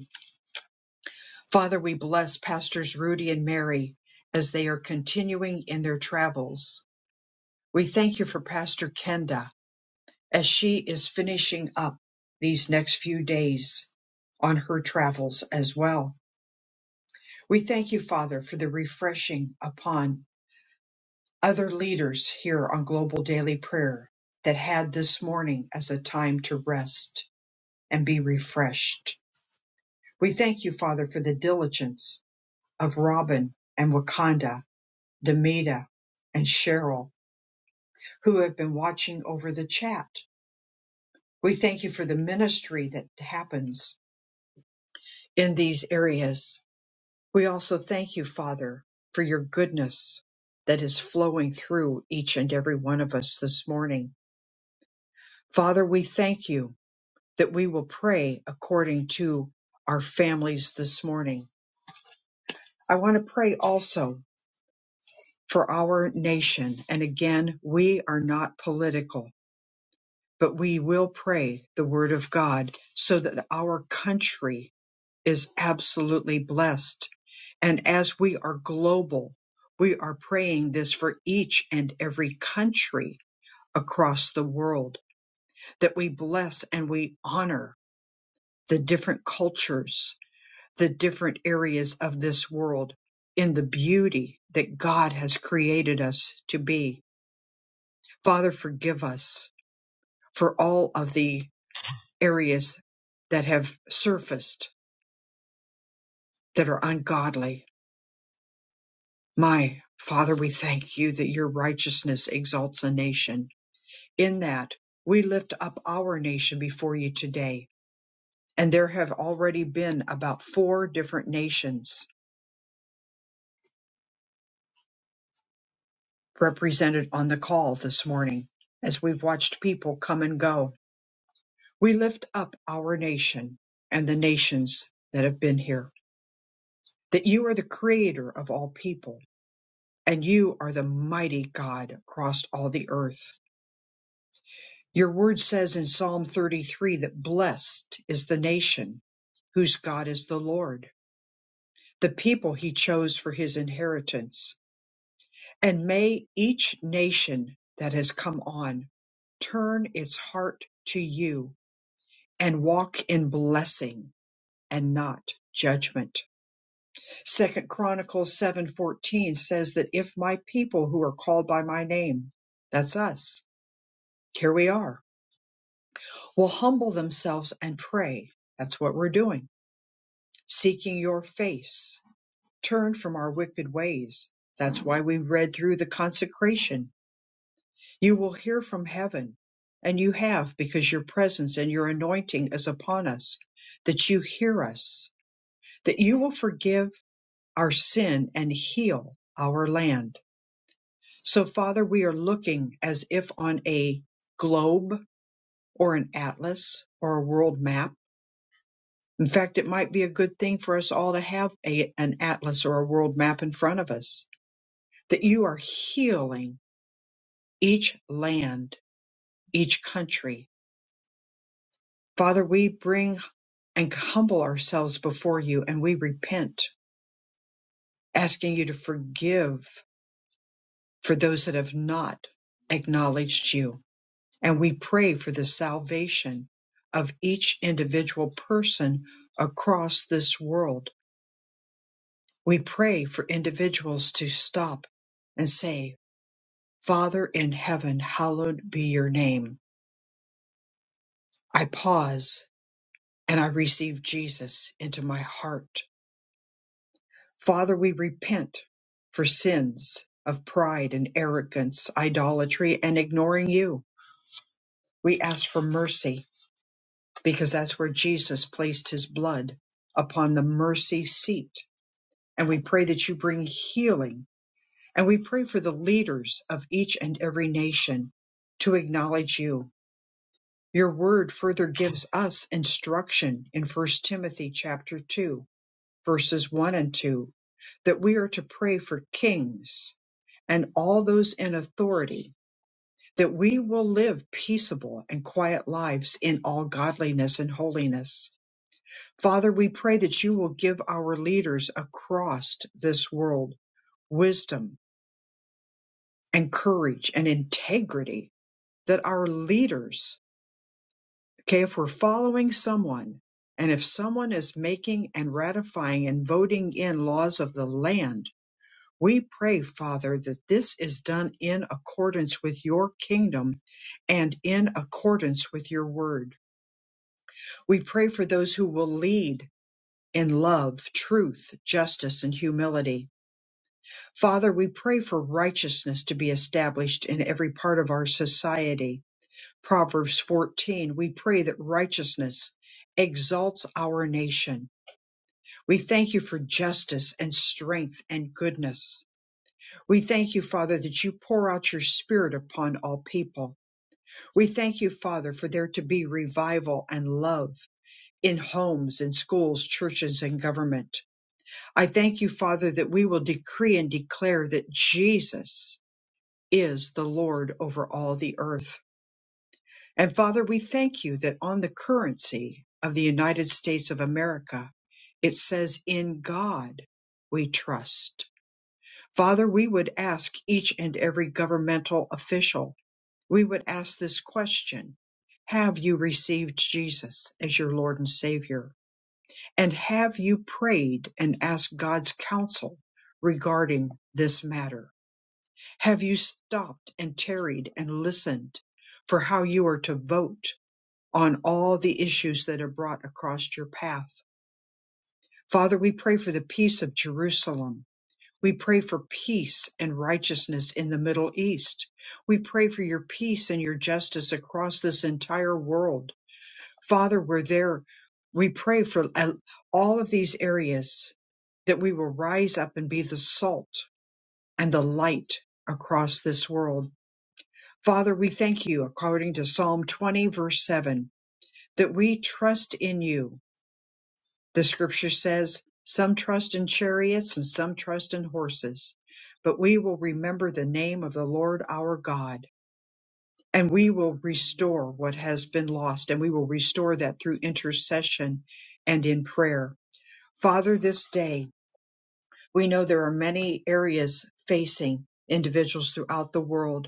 Speaker 1: Father, we bless Pastors Rudy and Mary as they are continuing in their travels. We thank you for Pastor Kenda as she is finishing up these next few days on her travels as well. We thank you, Father, for the refreshing upon other leaders here on Global Daily Prayer that had this morning as a time to rest and be refreshed. We thank you, Father, for the diligence of Robin and Wakanda, Demita and Cheryl, who have been watching over the chat. We thank you for the ministry that happens in these areas. We also thank you, Father, for your goodness that is flowing through each and every one of us this morning. Father, we thank you that we will pray according to our families this morning. I want to pray also for our nation. And again, we are not political, but we will pray the word of God so that our country is absolutely blessed. And as we are global, we are praying this for each and every country across the world that we bless and we honor the different cultures the different areas of this world in the beauty that God has created us to be. Father, forgive us for all of the areas that have surfaced that are ungodly. My Father, we thank you that your righteousness exalts a nation. In that, we lift up our nation before you today. And there have already been about four different nations represented on the call this morning as we've watched people come and go. We lift up our nation and the nations that have been here, that you are the creator of all people and you are the mighty God across all the earth. Your word says in Psalm 33 that blessed is the nation whose God is the Lord, the people he chose for his inheritance. And may each nation that has come on turn its heart to you and walk in blessing and not judgment. Second Chronicles 7:14 says that if my people who are called by my name, that's us. Here we are. Will humble themselves and pray. That's what we're doing. Seeking your face. Turn from our wicked ways. That's why we read through the consecration You will hear from heaven, and you have because your presence and your anointing is upon us, that you hear us, that you will forgive our sin and heal our land. So, Father, we are looking as if on a globe or an atlas or a world map. In fact, it might be a good thing for us all to have a, an atlas or a world map in front of us, that you are healing each land, each country. Father, we bring and humble ourselves before you and we repent, asking you to forgive for those that have not acknowledged you. And we pray for the salvation of each individual person across this world. We pray for individuals to stop and say, Father in heaven, hallowed be your name. I pause and I receive Jesus into my heart. Father, we repent for sins of pride and arrogance, idolatry, and ignoring you. We ask for mercy because that's where Jesus placed his blood upon the mercy seat. And we pray that you bring healing. And we pray for the leaders of each and every nation to acknowledge you. Your word further gives us instruction in First Timothy chapter 2 verses 1 and 2, that we are to pray for kings and all those in authority, that we will live peaceable and quiet lives in all godliness and holiness. Father, we pray that you will give our leaders across this world wisdom and courage and integrity, that our leaders, okay, if we're following someone, and if someone is making and ratifying and voting in laws of the land, We pray, Father, that this is done in accordance with your kingdom and in accordance with your word. We pray for those who will lead in love, truth, justice, and humility. Father, we pray for righteousness to be established in every part of our society. Proverbs 14, we pray that righteousness exalts our nation. We thank you for justice and strength and goodness. We thank you, Father, that you pour out your spirit upon all people. We thank you, Father, for there to be revival and love in homes and schools, churches and government. I thank you, Father, that we will decree and declare that Jesus is the Lord over all the earth. And Father, we thank you that on the currency of the United States of America, it says, in God we trust. Father, we would ask each and every governmental official we would ask this question Have you received Jesus as your Lord and Savior? And have you prayed and asked God's counsel regarding this matter? Have you stopped and tarried and listened for how you are to vote on all the issues that are brought across your path? Father, we pray for the peace of Jerusalem we pray for peace and righteousness in the Middle East. We pray for your peace and your justice across this entire world. Father, we're there. We pray for uh, all of these areas that we will rise up and be the salt and the light across this world. Father, we thank you according to Psalm 20 verse 7 that we trust in you the scripture says, Some trust in chariots and some trust in horses, but we will remember the name of the Lord our God, and we will restore what has been lost, and we will restore that through intercession and in prayer. Father, this day, we know there are many areas facing individuals throughout the world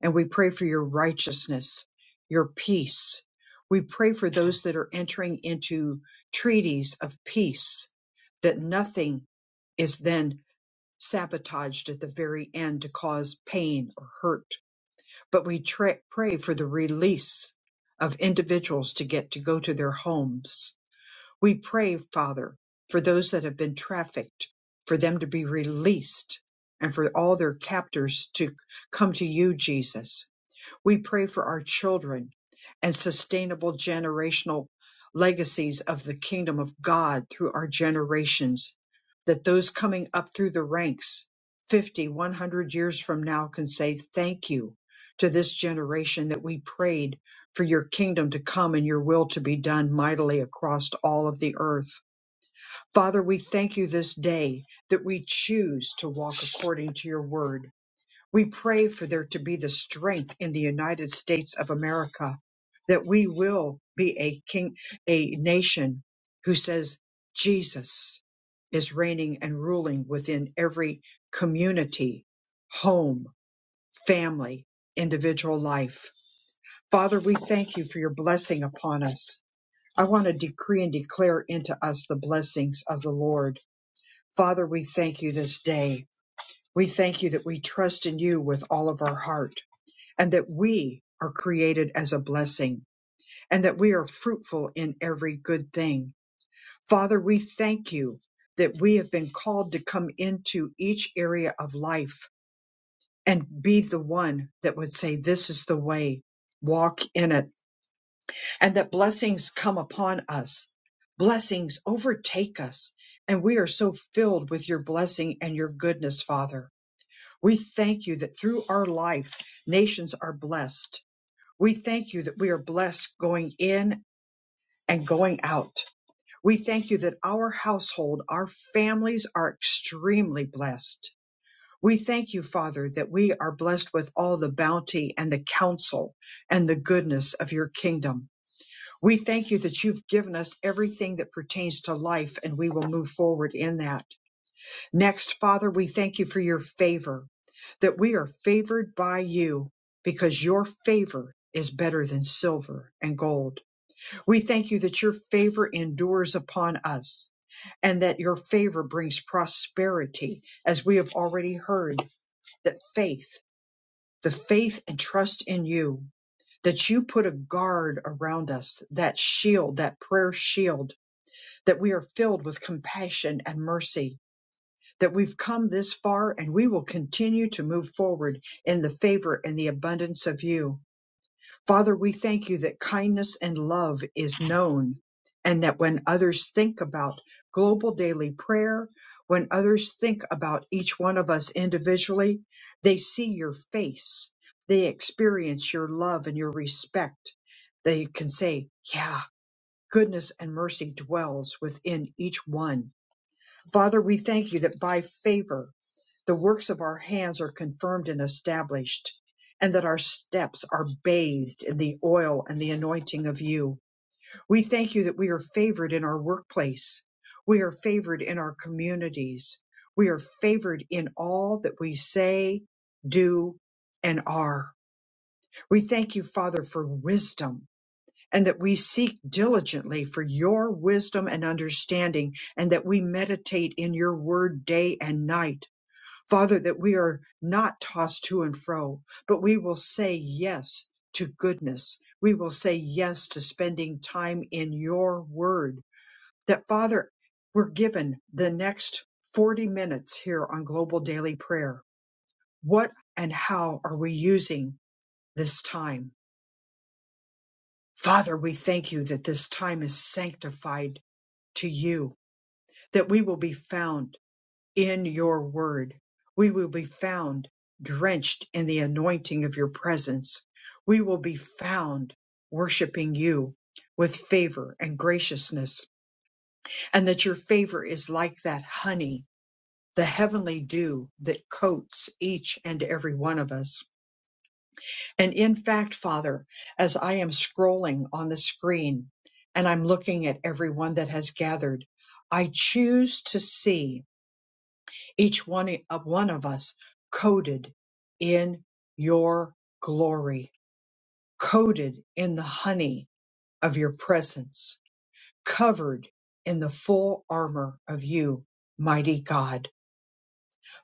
Speaker 1: and we pray for your righteousness, your peace. We pray for those that are entering into treaties of peace, that nothing is then sabotaged at the very end to cause pain or hurt. But we tra- pray for the release of individuals to get to go to their homes. We pray, Father, for those that have been trafficked, for them to be released and for all their captors to come to you, Jesus we pray for our children and sustainable generational legacies of the kingdom of God through our generations, that those coming up through the ranks 50, 100 years from now can say thank you to this generation that we prayed for your kingdom to come and your will to be done mightily across all of the earth. Father, we thank you this day that we choose to walk according to your word we pray for there to be the strength in the United States of America that we will be a king, a nation who says Jesus is reigning and ruling within every community, home, family, individual life. Father, we thank you for your blessing upon us. I want to decree and declare into us the blessings of the Lord. Father, we thank you this day. We thank you that we trust in you with all of our heart and that we are created as a blessing and that we are fruitful in every good thing. Father, we thank you that we have been called to come into each area of life and be the one that would say, This is the way, walk in it, and that blessings come upon us. Blessings overtake us, and we are so filled with your blessing and your goodness, Father. We thank you that through our life, nations are blessed We thank you that we are blessed going in and going out. We thank you that our household, our families are extremely blessed. We thank you, Father, that we are blessed with all the bounty and the counsel and the goodness of your kingdom. We thank you that you've given us everything that pertains to life and we will move forward in that. Next, Father, we thank you for your favor, that we are favored by you because your favor is better than silver and gold. We thank you that your favor endures upon us and that your favor brings prosperity, as we have already heard, that faith, the faith and trust in you, that you put a guard around us, that shield, that prayer shield, that we are filled with compassion and mercy, that we've come this far and we will continue to move forward in the favor and the abundance of you Father, we thank you that kindness and love is known, and that when others think about global daily prayer, when others think about each one of us individually, they see your face. They experience your love and your respect. They can say, Yeah, goodness and mercy dwells within each one. Father, we thank you that by favor the works of our hands are confirmed and established, and that our steps are bathed in the oil and the anointing of you. We thank you that we are favored in our workplace. We are favored in our communities. We are favored in all that we say, do, and are. We thank you, Father, for wisdom and that we seek diligently for your wisdom and understanding and that we meditate in your word day and night Father, that we are not tossed to and fro, but we will say yes to goodness. We will say yes to spending time in your word. That, Father, we're given the next 40 minutes here on Global Daily Prayer. What and how are we using this time? Father, we thank you that this time is sanctified to you, that we will be found in your word. We will be found drenched in the anointing of your presence. We will be found worshiping you with favor and graciousness, and that your favor is like that honey, the heavenly dew that coats each and every one of us. And in fact, Father, as I am scrolling on the screen and I'm looking at everyone that has gathered, I choose to see each one of one of us coated in your glory, coated in the honey of your presence, covered in the full armor of you, mighty God.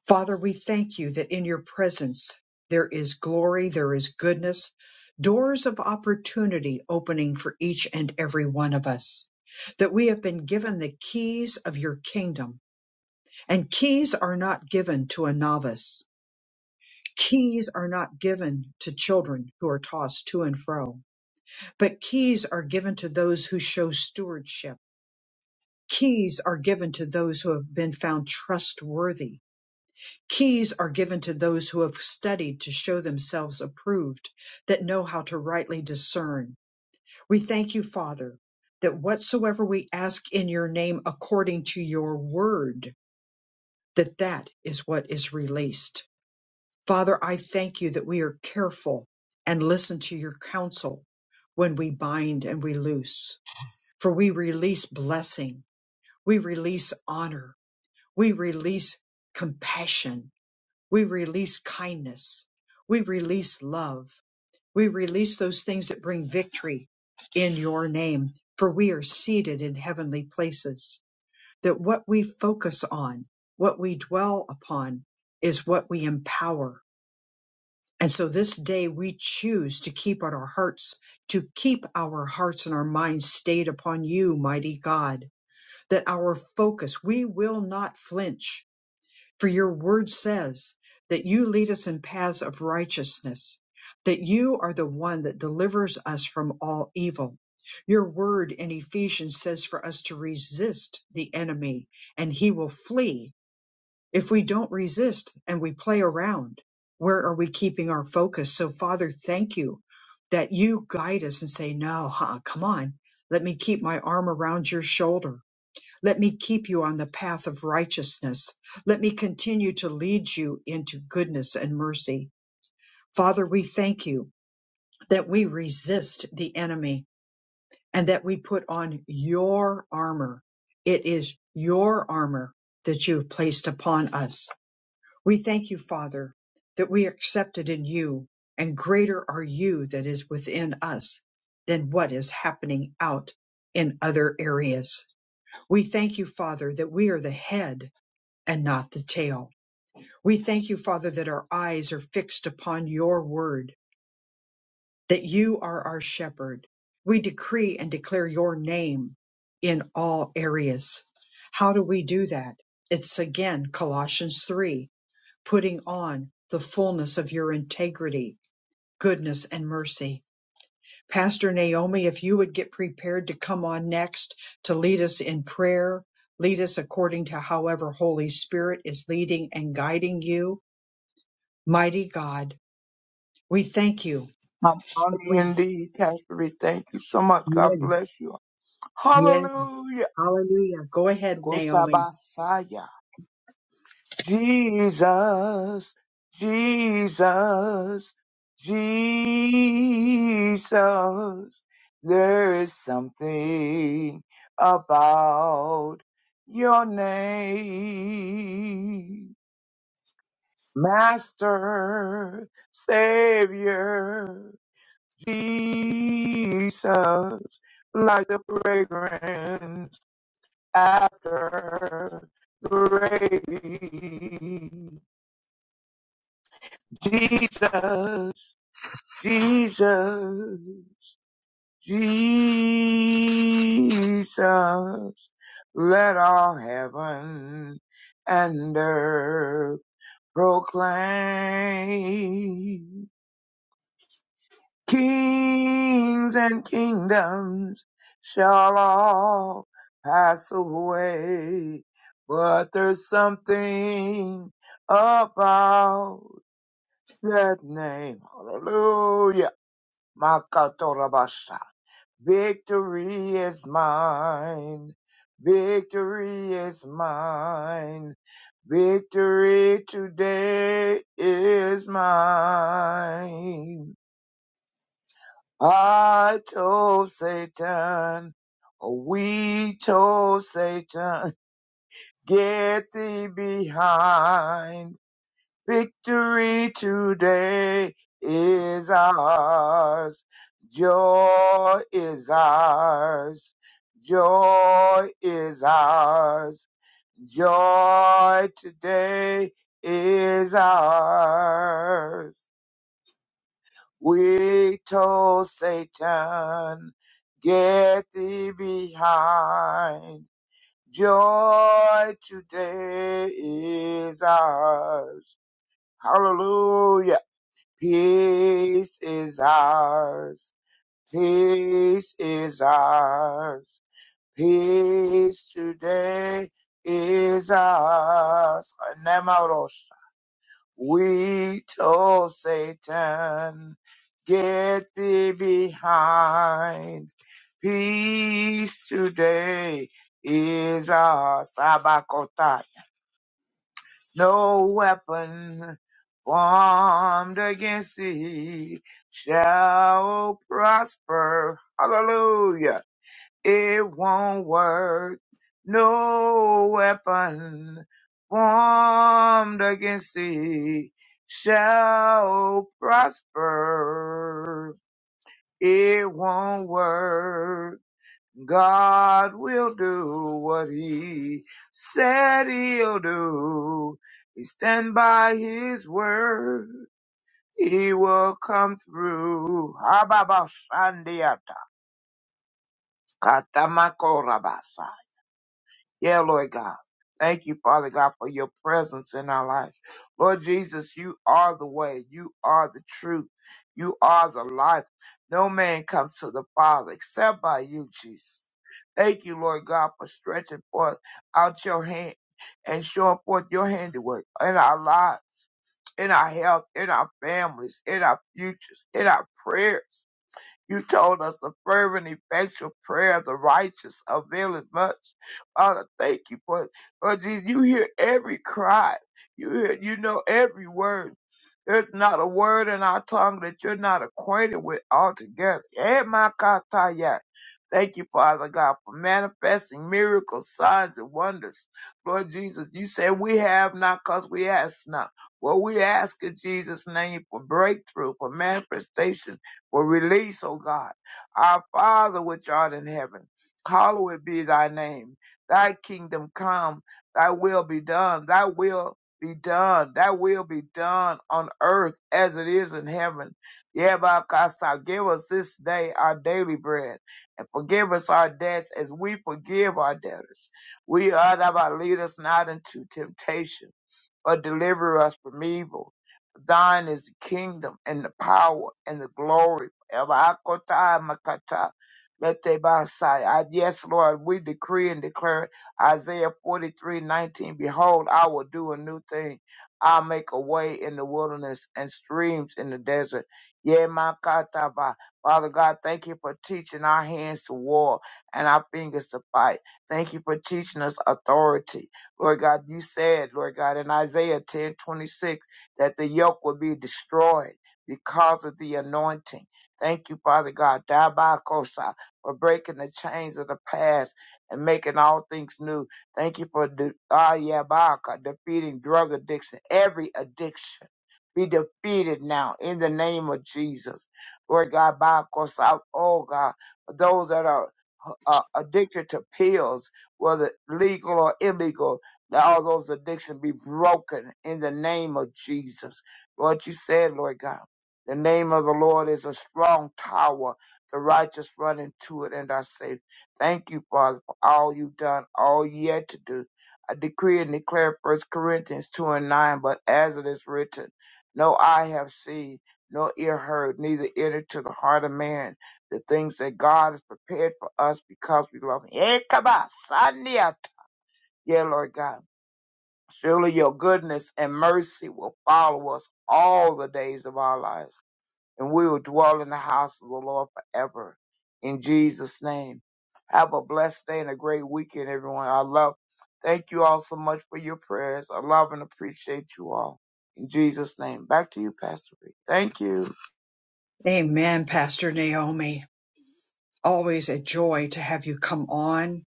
Speaker 1: Father, we thank you that in your presence there is glory, there is goodness, doors of opportunity opening for each and every one of us. That we have been given the keys of your kingdom, and keys are not given to a novice Keys are not given to children who are tossed to and fro, but keys are given to those who show stewardship. Keys are given to those who have been found trustworthy. Keys are given to those who have studied to show themselves approved, that know how to rightly discern. We thank you, Father, that whatsoever we ask in your name according to your word, that that is what is released. Father, I thank you that we are careful and listen to your counsel when we bind and we loose, for we release blessing, we release honor, we release compassion, we release kindness, we release love, we release those things that bring victory in your name, for we are seated in heavenly places, that what we focus on, what we dwell upon, is what we empower and so this day we choose to keep on our hearts, to keep our hearts and our minds stayed upon you, mighty God, that our focus, we will not flinch. For your word says that you lead us in paths of righteousness, that you are the one that delivers us from all evil. Your word in Ephesians says for us to resist the enemy and he will flee if we don't resist and we play around, where are we keeping our focus? So, Father, thank you that you guide us and say, No, huh, come on. Let me keep my arm around your shoulder. Let me keep you on the path of righteousness. Let me continue to lead you into goodness and mercy. Father, we thank you that we resist the enemy and that we put on your armor. It is your armor that you have placed upon us. We thank you, Father, that we are accepted in you, and greater are you that is within us than what is happening out in other areas. We thank you, Father, that we are the head and not the tail. We thank you, Father, that our eyes are fixed upon your word, that you are our shepherd. We decree and declare your name in all areas. How do we do that? It's again Colossians 3 putting on the fullness of your integrity, goodness, and mercy. Pastor Naomi, if you would get prepared to come on next to lead us in prayer, lead us according to however Holy Spirit is leading and guiding you. Mighty God, we thank you.
Speaker 8: I'm honored
Speaker 1: We
Speaker 8: indeed, Pastor Reed. Thank you so much. God
Speaker 1: yes,
Speaker 8: bless you.
Speaker 1: yes.
Speaker 8: Hallelujah.
Speaker 1: Hallelujah. Go ahead, Naomi.
Speaker 8: Gosabasaya. Jesus, Jesus, Jesus. There is something about your name. Master, Savior. Jesus, like the fragrance after the rain. Jesus, Jesus, Jesus, let all heaven and earth proclaim. Kings and kingdoms shall all pass away, but there's something about that name. Hallelujah. Makatorabasha. Victory is mine. Victory is mine. Victory today is mine. I told Satan, we told Satan, get thee behind. Victory today is ours. Joy is ours. Joy is ours. Joy today is ours. We told Satan, get thee behind. Joy today is ours. Hallelujah. Peace is ours. Peace is ours. Peace today is ours. We told Satan, get thee behind. Peace today is our Sabakota. No weapon formed against thee shall prosper. Hallelujah it won't work. No weapon formed against thee shall prosper. It won't work. God will do what he said he'll do. He stand by his word. He will come through. Hababashandiata. Katamakorabasa. Yeah, Lord God. Thank you, Father God, for your presence in our lives. Lord Jesus, you are the way. You are the truth. You are the life. No man comes to the Father except by you, Jesus. Thank you, Lord God, for stretching forth out your hand and showing forth your handiwork in our lives, in our health, in our families, in our futures, in our prayers. You told us the fervent, effectual prayer of the righteous availeth much. Father, thank you for it. Lord Jesus, you hear every cry. You hear, you know every word. There's not a word in our tongue that you're not acquainted with altogether. Eh, my kataya. Thank you, Father God, for manifesting miracles, signs, and wonders. Lord Jesus, you said we have not because we ask not. Well, we ask in Jesus' name for breakthrough, for manifestation will release, O God. Our Father which art in heaven, hallowed be thy name. Thy kingdom come, thy will be done, thy will be done, thy will be done on earth as it is in heaven. Yabakasa, give us this day our daily bread, and forgive us our debts as we forgive our debtors. We are thou lead us not into temptation or deliver us from evil. For thine is the kingdom and the power and the glory forever. Akota makata letebasai. I- Yes, Lord, we decree and declare Isaiah 43:19. Behold, I will do a new thing. I'll make a way in the wilderness and streams in the desert. Yeah, makata ba. Father God, thank you for teaching our hands to war and our fingers to fight. Thank you for teaching us authority. Lord God, you said, Lord God, in Isaiah ten twenty six that the yoke will be destroyed because of the anointing. Thank you, Father God, Dabakosa, for breaking the chains of the past and making all things new. Thank you for de- ah, yeah, Baka, defeating drug addiction, every addiction. Be defeated now in the name of Jesus. Lord God, Bakosa, oh God, for those that are uh, addicted to pills, whether legal or illegal. Let all those addictions be broken in the name of Jesus. Lord, you said, Lord God, the name of the Lord is a strong tower. The righteous run into it and are safe. Thank you, Father, for all you've done, all yet to do. I decree and declare First Corinthians 2 and 9, but as it is written, no eye have seen, no ear heard, neither entered to the heart of man the things that God has prepared for us because we love him. Eh, come on, Sunday. Yeah, Lord God. Surely your goodness and mercy will follow us all the days of our lives, and we will dwell in the house of the Lord forever. In Jesus' name. Have a blessed day and a great weekend, everyone. I love, thank you all so much for your prayers. I love and appreciate you all. In Jesus' name. Back to you, Pastor Reed. Thank you.
Speaker 1: Amen, Pastor Naomi. Always a joy to have you come on.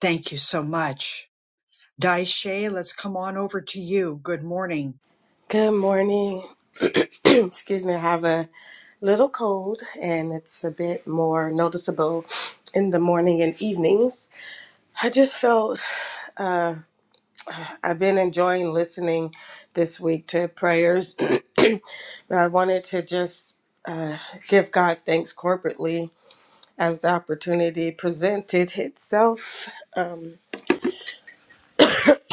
Speaker 1: Thank you so much. Daishe, let's come on over to you. Good morning.
Speaker 9: Good morning. Excuse me, I have a little cold and it's a bit more noticeable in the morning and evenings. I just felt uh, I've been enjoying listening this week to prayers. I wanted to just give God thanks corporately as the opportunity presented itself.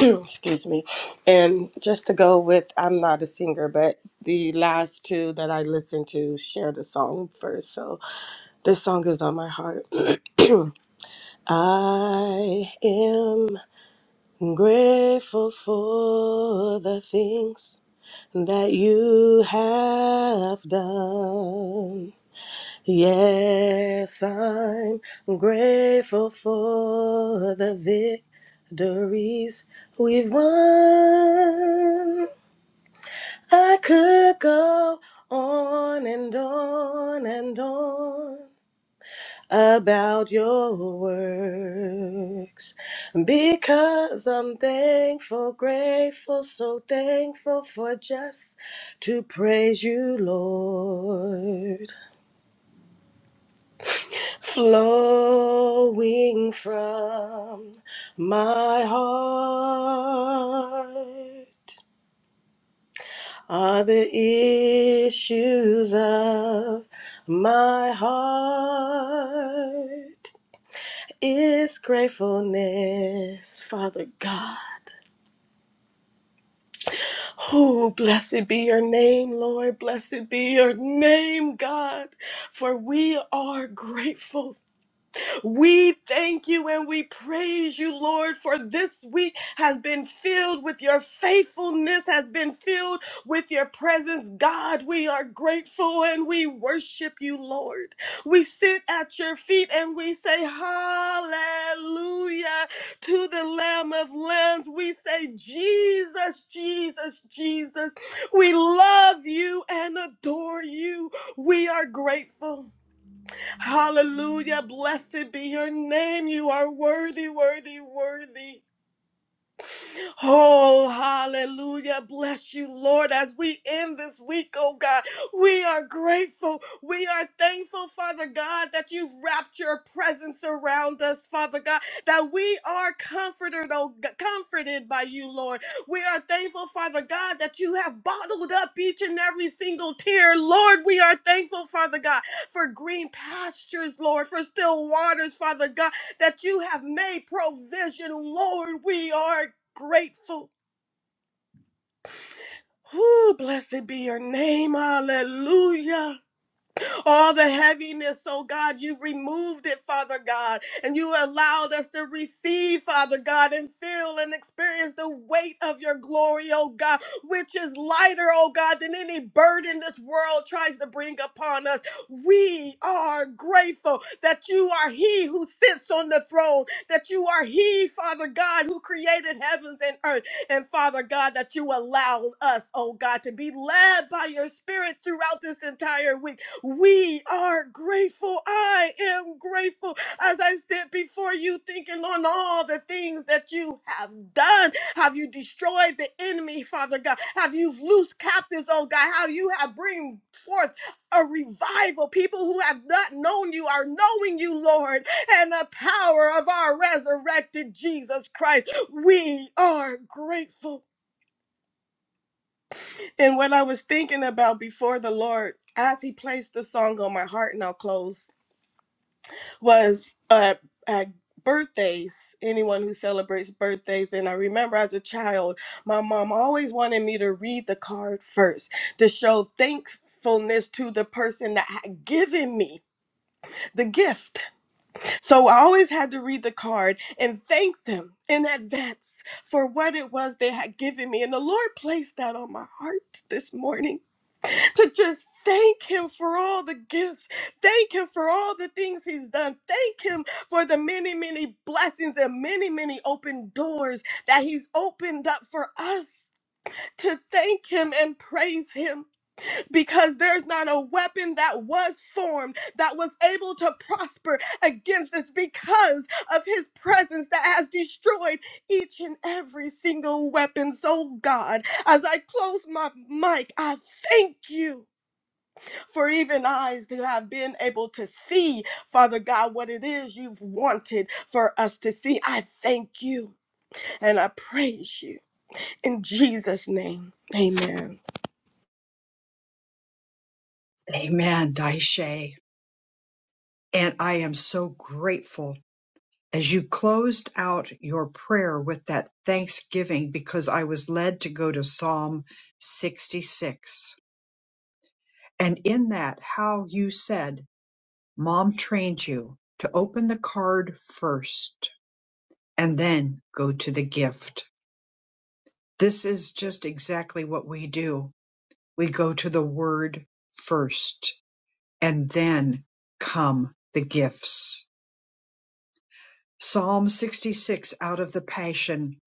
Speaker 9: Excuse me. And just to go with, I'm not a singer, but the last two that I listened to shared a song first. So This song is on my heart. I am grateful for the things that you have done. Yes, I'm grateful for the victories we've won. I could go on and on and on about your works because I'm thankful, grateful, so thankful for just to praise you, Lord. Flowing from my heart are the issues of my heart. is gratefulness, Father God. Oh, blessed be your name, Lord. Blessed be your name, God, for we are grateful. We thank you and we praise you, Lord, for this week has been filled with your faithfulness, has been filled with your presence. God, we are grateful and we worship you, Lord. We sit at your feet and we say, Hallelujah to the Lamb of Lambs. We say, Jesus, Jesus, Jesus. We love you and adore you. We are grateful. Hallelujah. Blessed be your name. You are worthy, worthy, worthy. Oh, hallelujah. Bless you, Lord, as we end this week, oh God. We are grateful. We are thankful, Father God, that you've wrapped your presence around us, Father God, that we are comforted, oh, g- comforted by you, Lord. We are thankful, Father God, that you have bottled up each and every single tear. Lord, we are thankful, Father God, for green pastures, Lord, for still waters, Father God, that you have made provision. Lord, we are grateful. Whoo, blessed be your name. Hallelujah all the heaviness, oh God. You removed it, Father God, and you allowed us to receive, Father God, and feel and experience the weight of your glory, oh God, which is lighter, oh God, than any burden this world tries to bring upon us. We are grateful that you are He who sits on the throne, that you are He, Father God, who created heavens and earth. And Father God, that you allowed us, oh God, to be led by your Spirit throughout this entire week we are grateful. I am grateful as I sit before you, thinking on all the things that you have done. Have you destroyed the enemy, Father God? Have you loosed captives, oh God? How you have bring forth a revival. People who have not known you are knowing you, Lord, and the power of our resurrected Jesus Christ. We are grateful. And what I was thinking about before the Lord, as He placed the song on my heart, and I'll close was uh, at birthdays, anyone who celebrates birthdays. And I remember as a child, my mom always wanted me to read the card first to show thankfulness to the person that had given me the gift. So I always had to read the card and thank them in advance for what it was they had given me. And the Lord placed that on my heart this morning to just thank him for all the gifts. Thank him for all the things he's done. Thank him for the many, many blessings and many, many open doors that he's opened up for us to thank him and praise him because there's not a weapon that was formed that was able to prosper against us because of his presence that has destroyed each and every single weapon. So God, as I close my mic, I thank you for even eyes to have been able to see, Father God, what it is you've wanted for us to see. I thank you and I praise you in Jesus' name. Amen.
Speaker 1: Amen, Daishe. And I am so grateful as you closed out your prayer with that thanksgiving because I was led to go to Psalm 66. And in that, how you said, Mom trained you to open the card first and then go to the gift. This is just exactly what we do. We go to the word first and then come the gifts. Psalm 66 out of the Passion.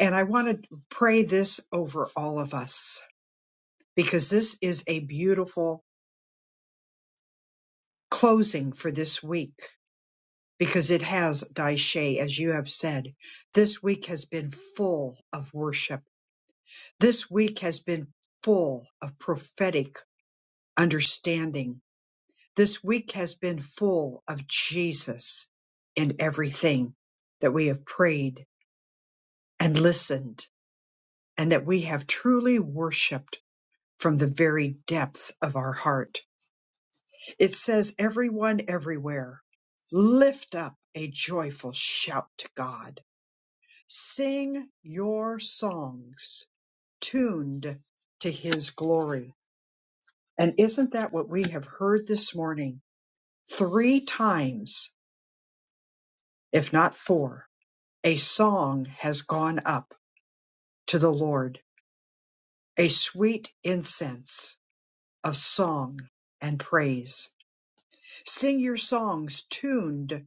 Speaker 1: And I want to pray this over all of us because this is a beautiful closing for this week because it has, Daishe, as you have said, this week has been full of worship. This week has been full of prophetic understanding. This week has been full of Jesus in everything that we have prayed and listened, and that we have truly worshiped from the very depth of our heart. It says, Everyone everywhere, lift up a joyful shout to God. Sing your songs tuned to his glory. And isn't that what we have heard this morning? Three times, if not four, a song has gone up to the Lord, a sweet incense of song and praise. Sing your songs tuned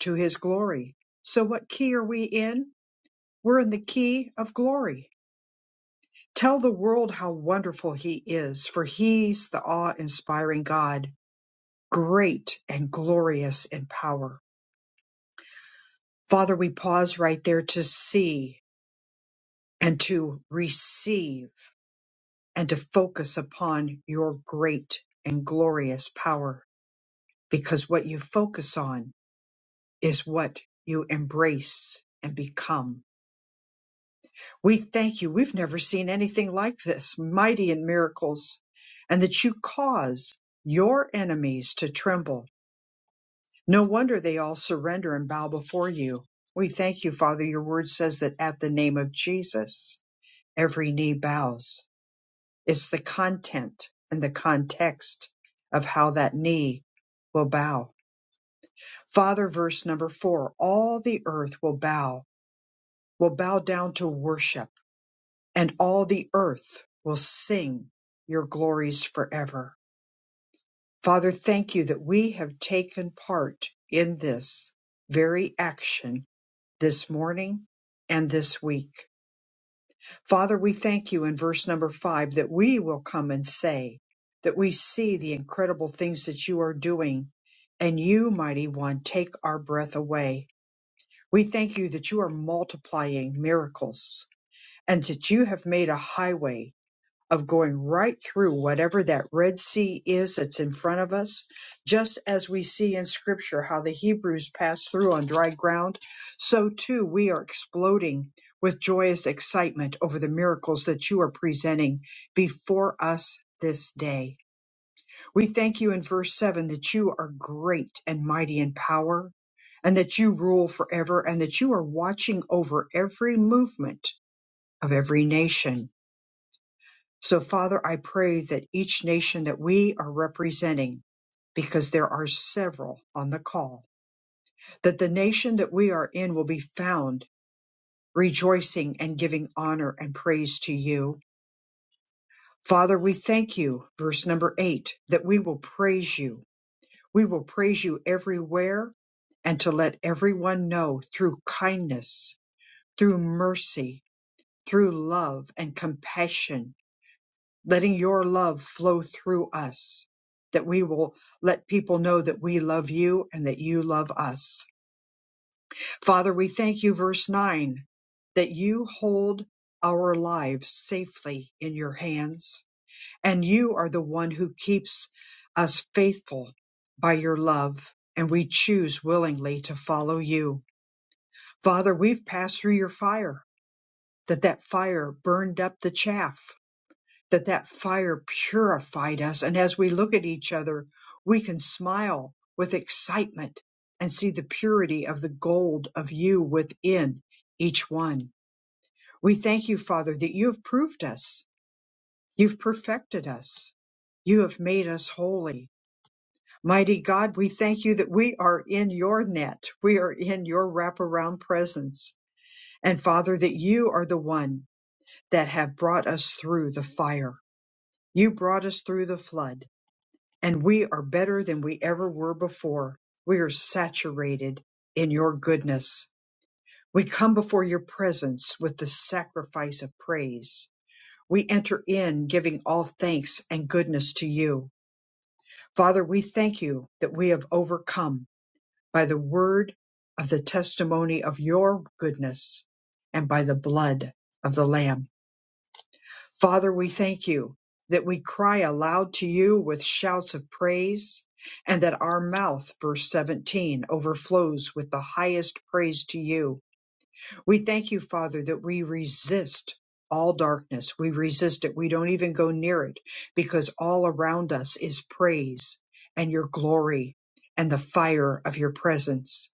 Speaker 1: to his glory. So, what key are we in? We're in the key of glory. Tell the world how wonderful he is, for he's the awe inspiring God, great and glorious in power. Father, we pause right there to see and to receive and to focus upon your great and glorious power because what you focus on is what you embrace and become. We thank you. We've never seen anything like this, mighty in miracles, and that you cause your enemies to tremble. No wonder they all surrender and bow before you. We thank you, Father. Your word says that at the name of Jesus, every knee bows. It's the content and the context of how that knee will bow. Father, verse number four, all the earth will bow will bow down to worship, and all the earth will sing your glories forever. Father, thank you that we have taken part in this very action this morning and this week. Father, we thank you in verse number five that we will come and say that we see the incredible things that you are doing, and you, mighty one, take our breath away. We thank you that you are multiplying miracles and that you have made a highway of going right through whatever that Red Sea is that's in front of us, just as we see in Scripture how the Hebrews passed through on dry ground, so too we are exploding with joyous excitement over the miracles that you are presenting before us this day. We thank you in verse 7 that you are great and mighty in power, and that you rule forever, and that you are watching over every movement of every nation so, Father, I pray that each nation that we are representing, because there are several on the call, that the nation that we are in will be found rejoicing and giving honor and praise to you. Father, we thank you, verse number eight, that we will praise you. We will praise you everywhere and to let everyone know through kindness, through mercy, through love and compassion letting your love flow through us, that we will let people know that we love you and that you love us. Father, we thank you, verse 9, that you hold our lives safely in your hands, and you are the one who keeps us faithful by your love, and we choose willingly to follow you. Father, we've passed through your fire, that that fire burned up the chaff that that fire purified us. And as we look at each other, we can smile with excitement and see the purity of the gold of you within each one. We thank you, Father, that you have proved us. You've perfected us. You have made us holy. Mighty God, we thank you that we are in your net. We are in your wraparound presence. And Father, that you are the one that have brought us through the fire. You brought us through the flood. and we are better than we ever were before. We are saturated in your goodness. We come before your presence with the sacrifice of praise. We enter in giving all thanks and goodness to you. Father, we thank you that we have overcome by the word of the testimony of your goodness and by the blood of the Lamb. Father, we thank you that we cry aloud to you with shouts of praise and that our mouth, verse 17, overflows with the highest praise to you. We thank you, Father, that we resist all darkness. We resist it. We don't even go near it because all around us is praise and your glory and the fire of your presence.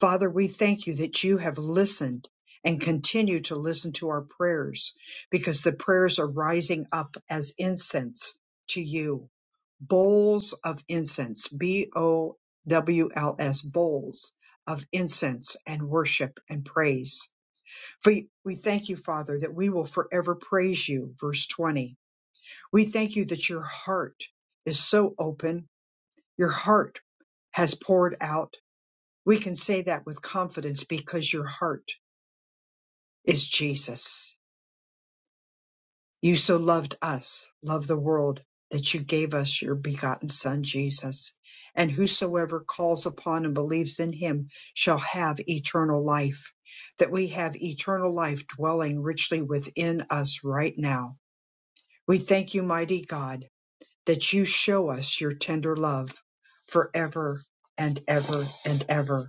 Speaker 1: Father, we thank you that you have listened and continue to listen to our prayers because the prayers are rising up as incense to you. Bowls of incense, B O W L S, bowls of incense and worship and praise. We, we thank you, Father, that we will forever praise you. Verse 20. We thank you that your heart is so open, your heart has poured out we can say that with confidence because your heart is Jesus. You so loved us, loved the world, that you gave us your begotten Son, Jesus. And whosoever calls upon and believes in him shall have eternal life. That we have eternal life dwelling richly within us right now. We thank you, mighty God, that you show us your tender love forever and ever and ever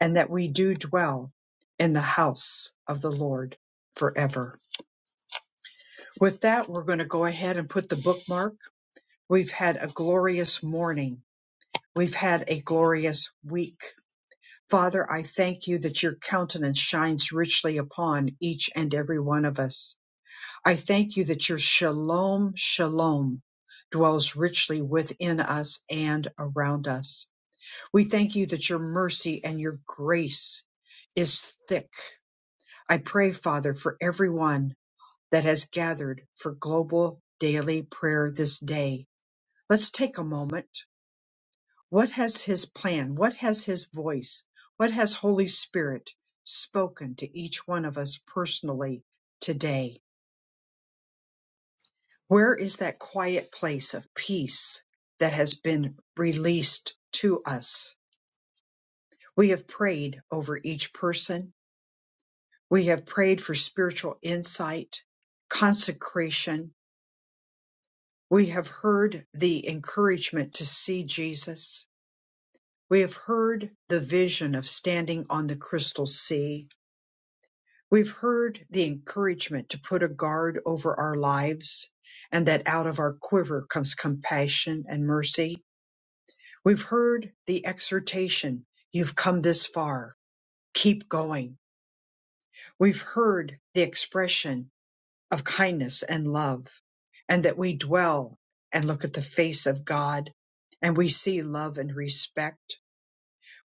Speaker 1: and that we do dwell in the house of the Lord forever. With that, we're going to go ahead and put the bookmark. We've had a glorious morning. We've had a glorious week. Father, I thank you that your countenance shines richly upon each and every one of us. I thank you that your shalom, shalom dwells richly within us and around us. We thank you that your mercy and your grace is thick I pray, Father, for everyone that has gathered for global daily prayer this day. Let's take a moment. What has His plan? What has His voice? What has Holy Spirit spoken to each one of us personally today? Where is that quiet place of peace that has been released to us? We have prayed over each person. We have prayed for spiritual insight, consecration, We have heard the encouragement to see Jesus. We have heard the vision of standing on the crystal sea. We've heard the encouragement to put a guard over our lives and that out of our quiver comes compassion and mercy. We've heard the exhortation, you've come this far, keep going. We've heard the expression of kindness and love, and that we dwell and look at the face of God and we see love and respect.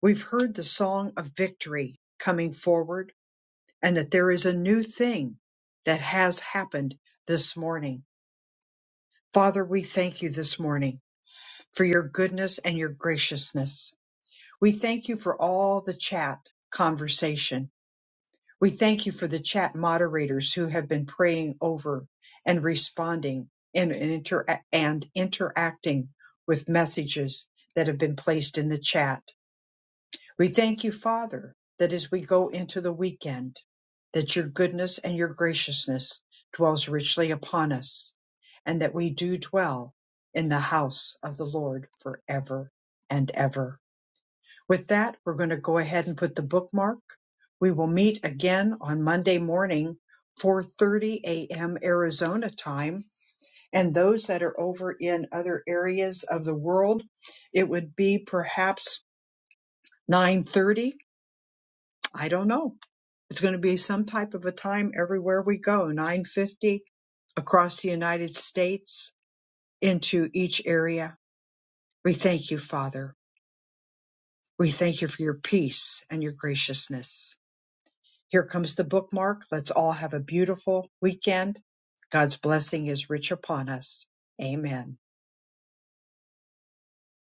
Speaker 1: We've heard the song of victory coming forward and that there is a new thing that has happened this morning. Father, we thank you this morning for your goodness and your graciousness. We thank you for all the chat conversation. We thank you for the chat moderators who have been praying over and responding and, and, inter- and interacting with messages that have been placed in the chat. We thank you, Father, that as we go into the weekend, that your goodness and your graciousness dwells richly upon us, and that we do dwell in the house of the Lord forever and ever. With that, we're going to go ahead and put the bookmark. We will meet again on Monday morning, 4:30 a.m. Arizona time, and those that are over in other areas of the world, it would be perhaps 9:30. I don't know. It's going to be some type of a time everywhere we go, 9:50 across the United States into each area. We thank you, Father. We thank you for your peace and your graciousness. Here comes the bookmark. Let's all have a beautiful weekend. God's blessing is rich upon us. Amen.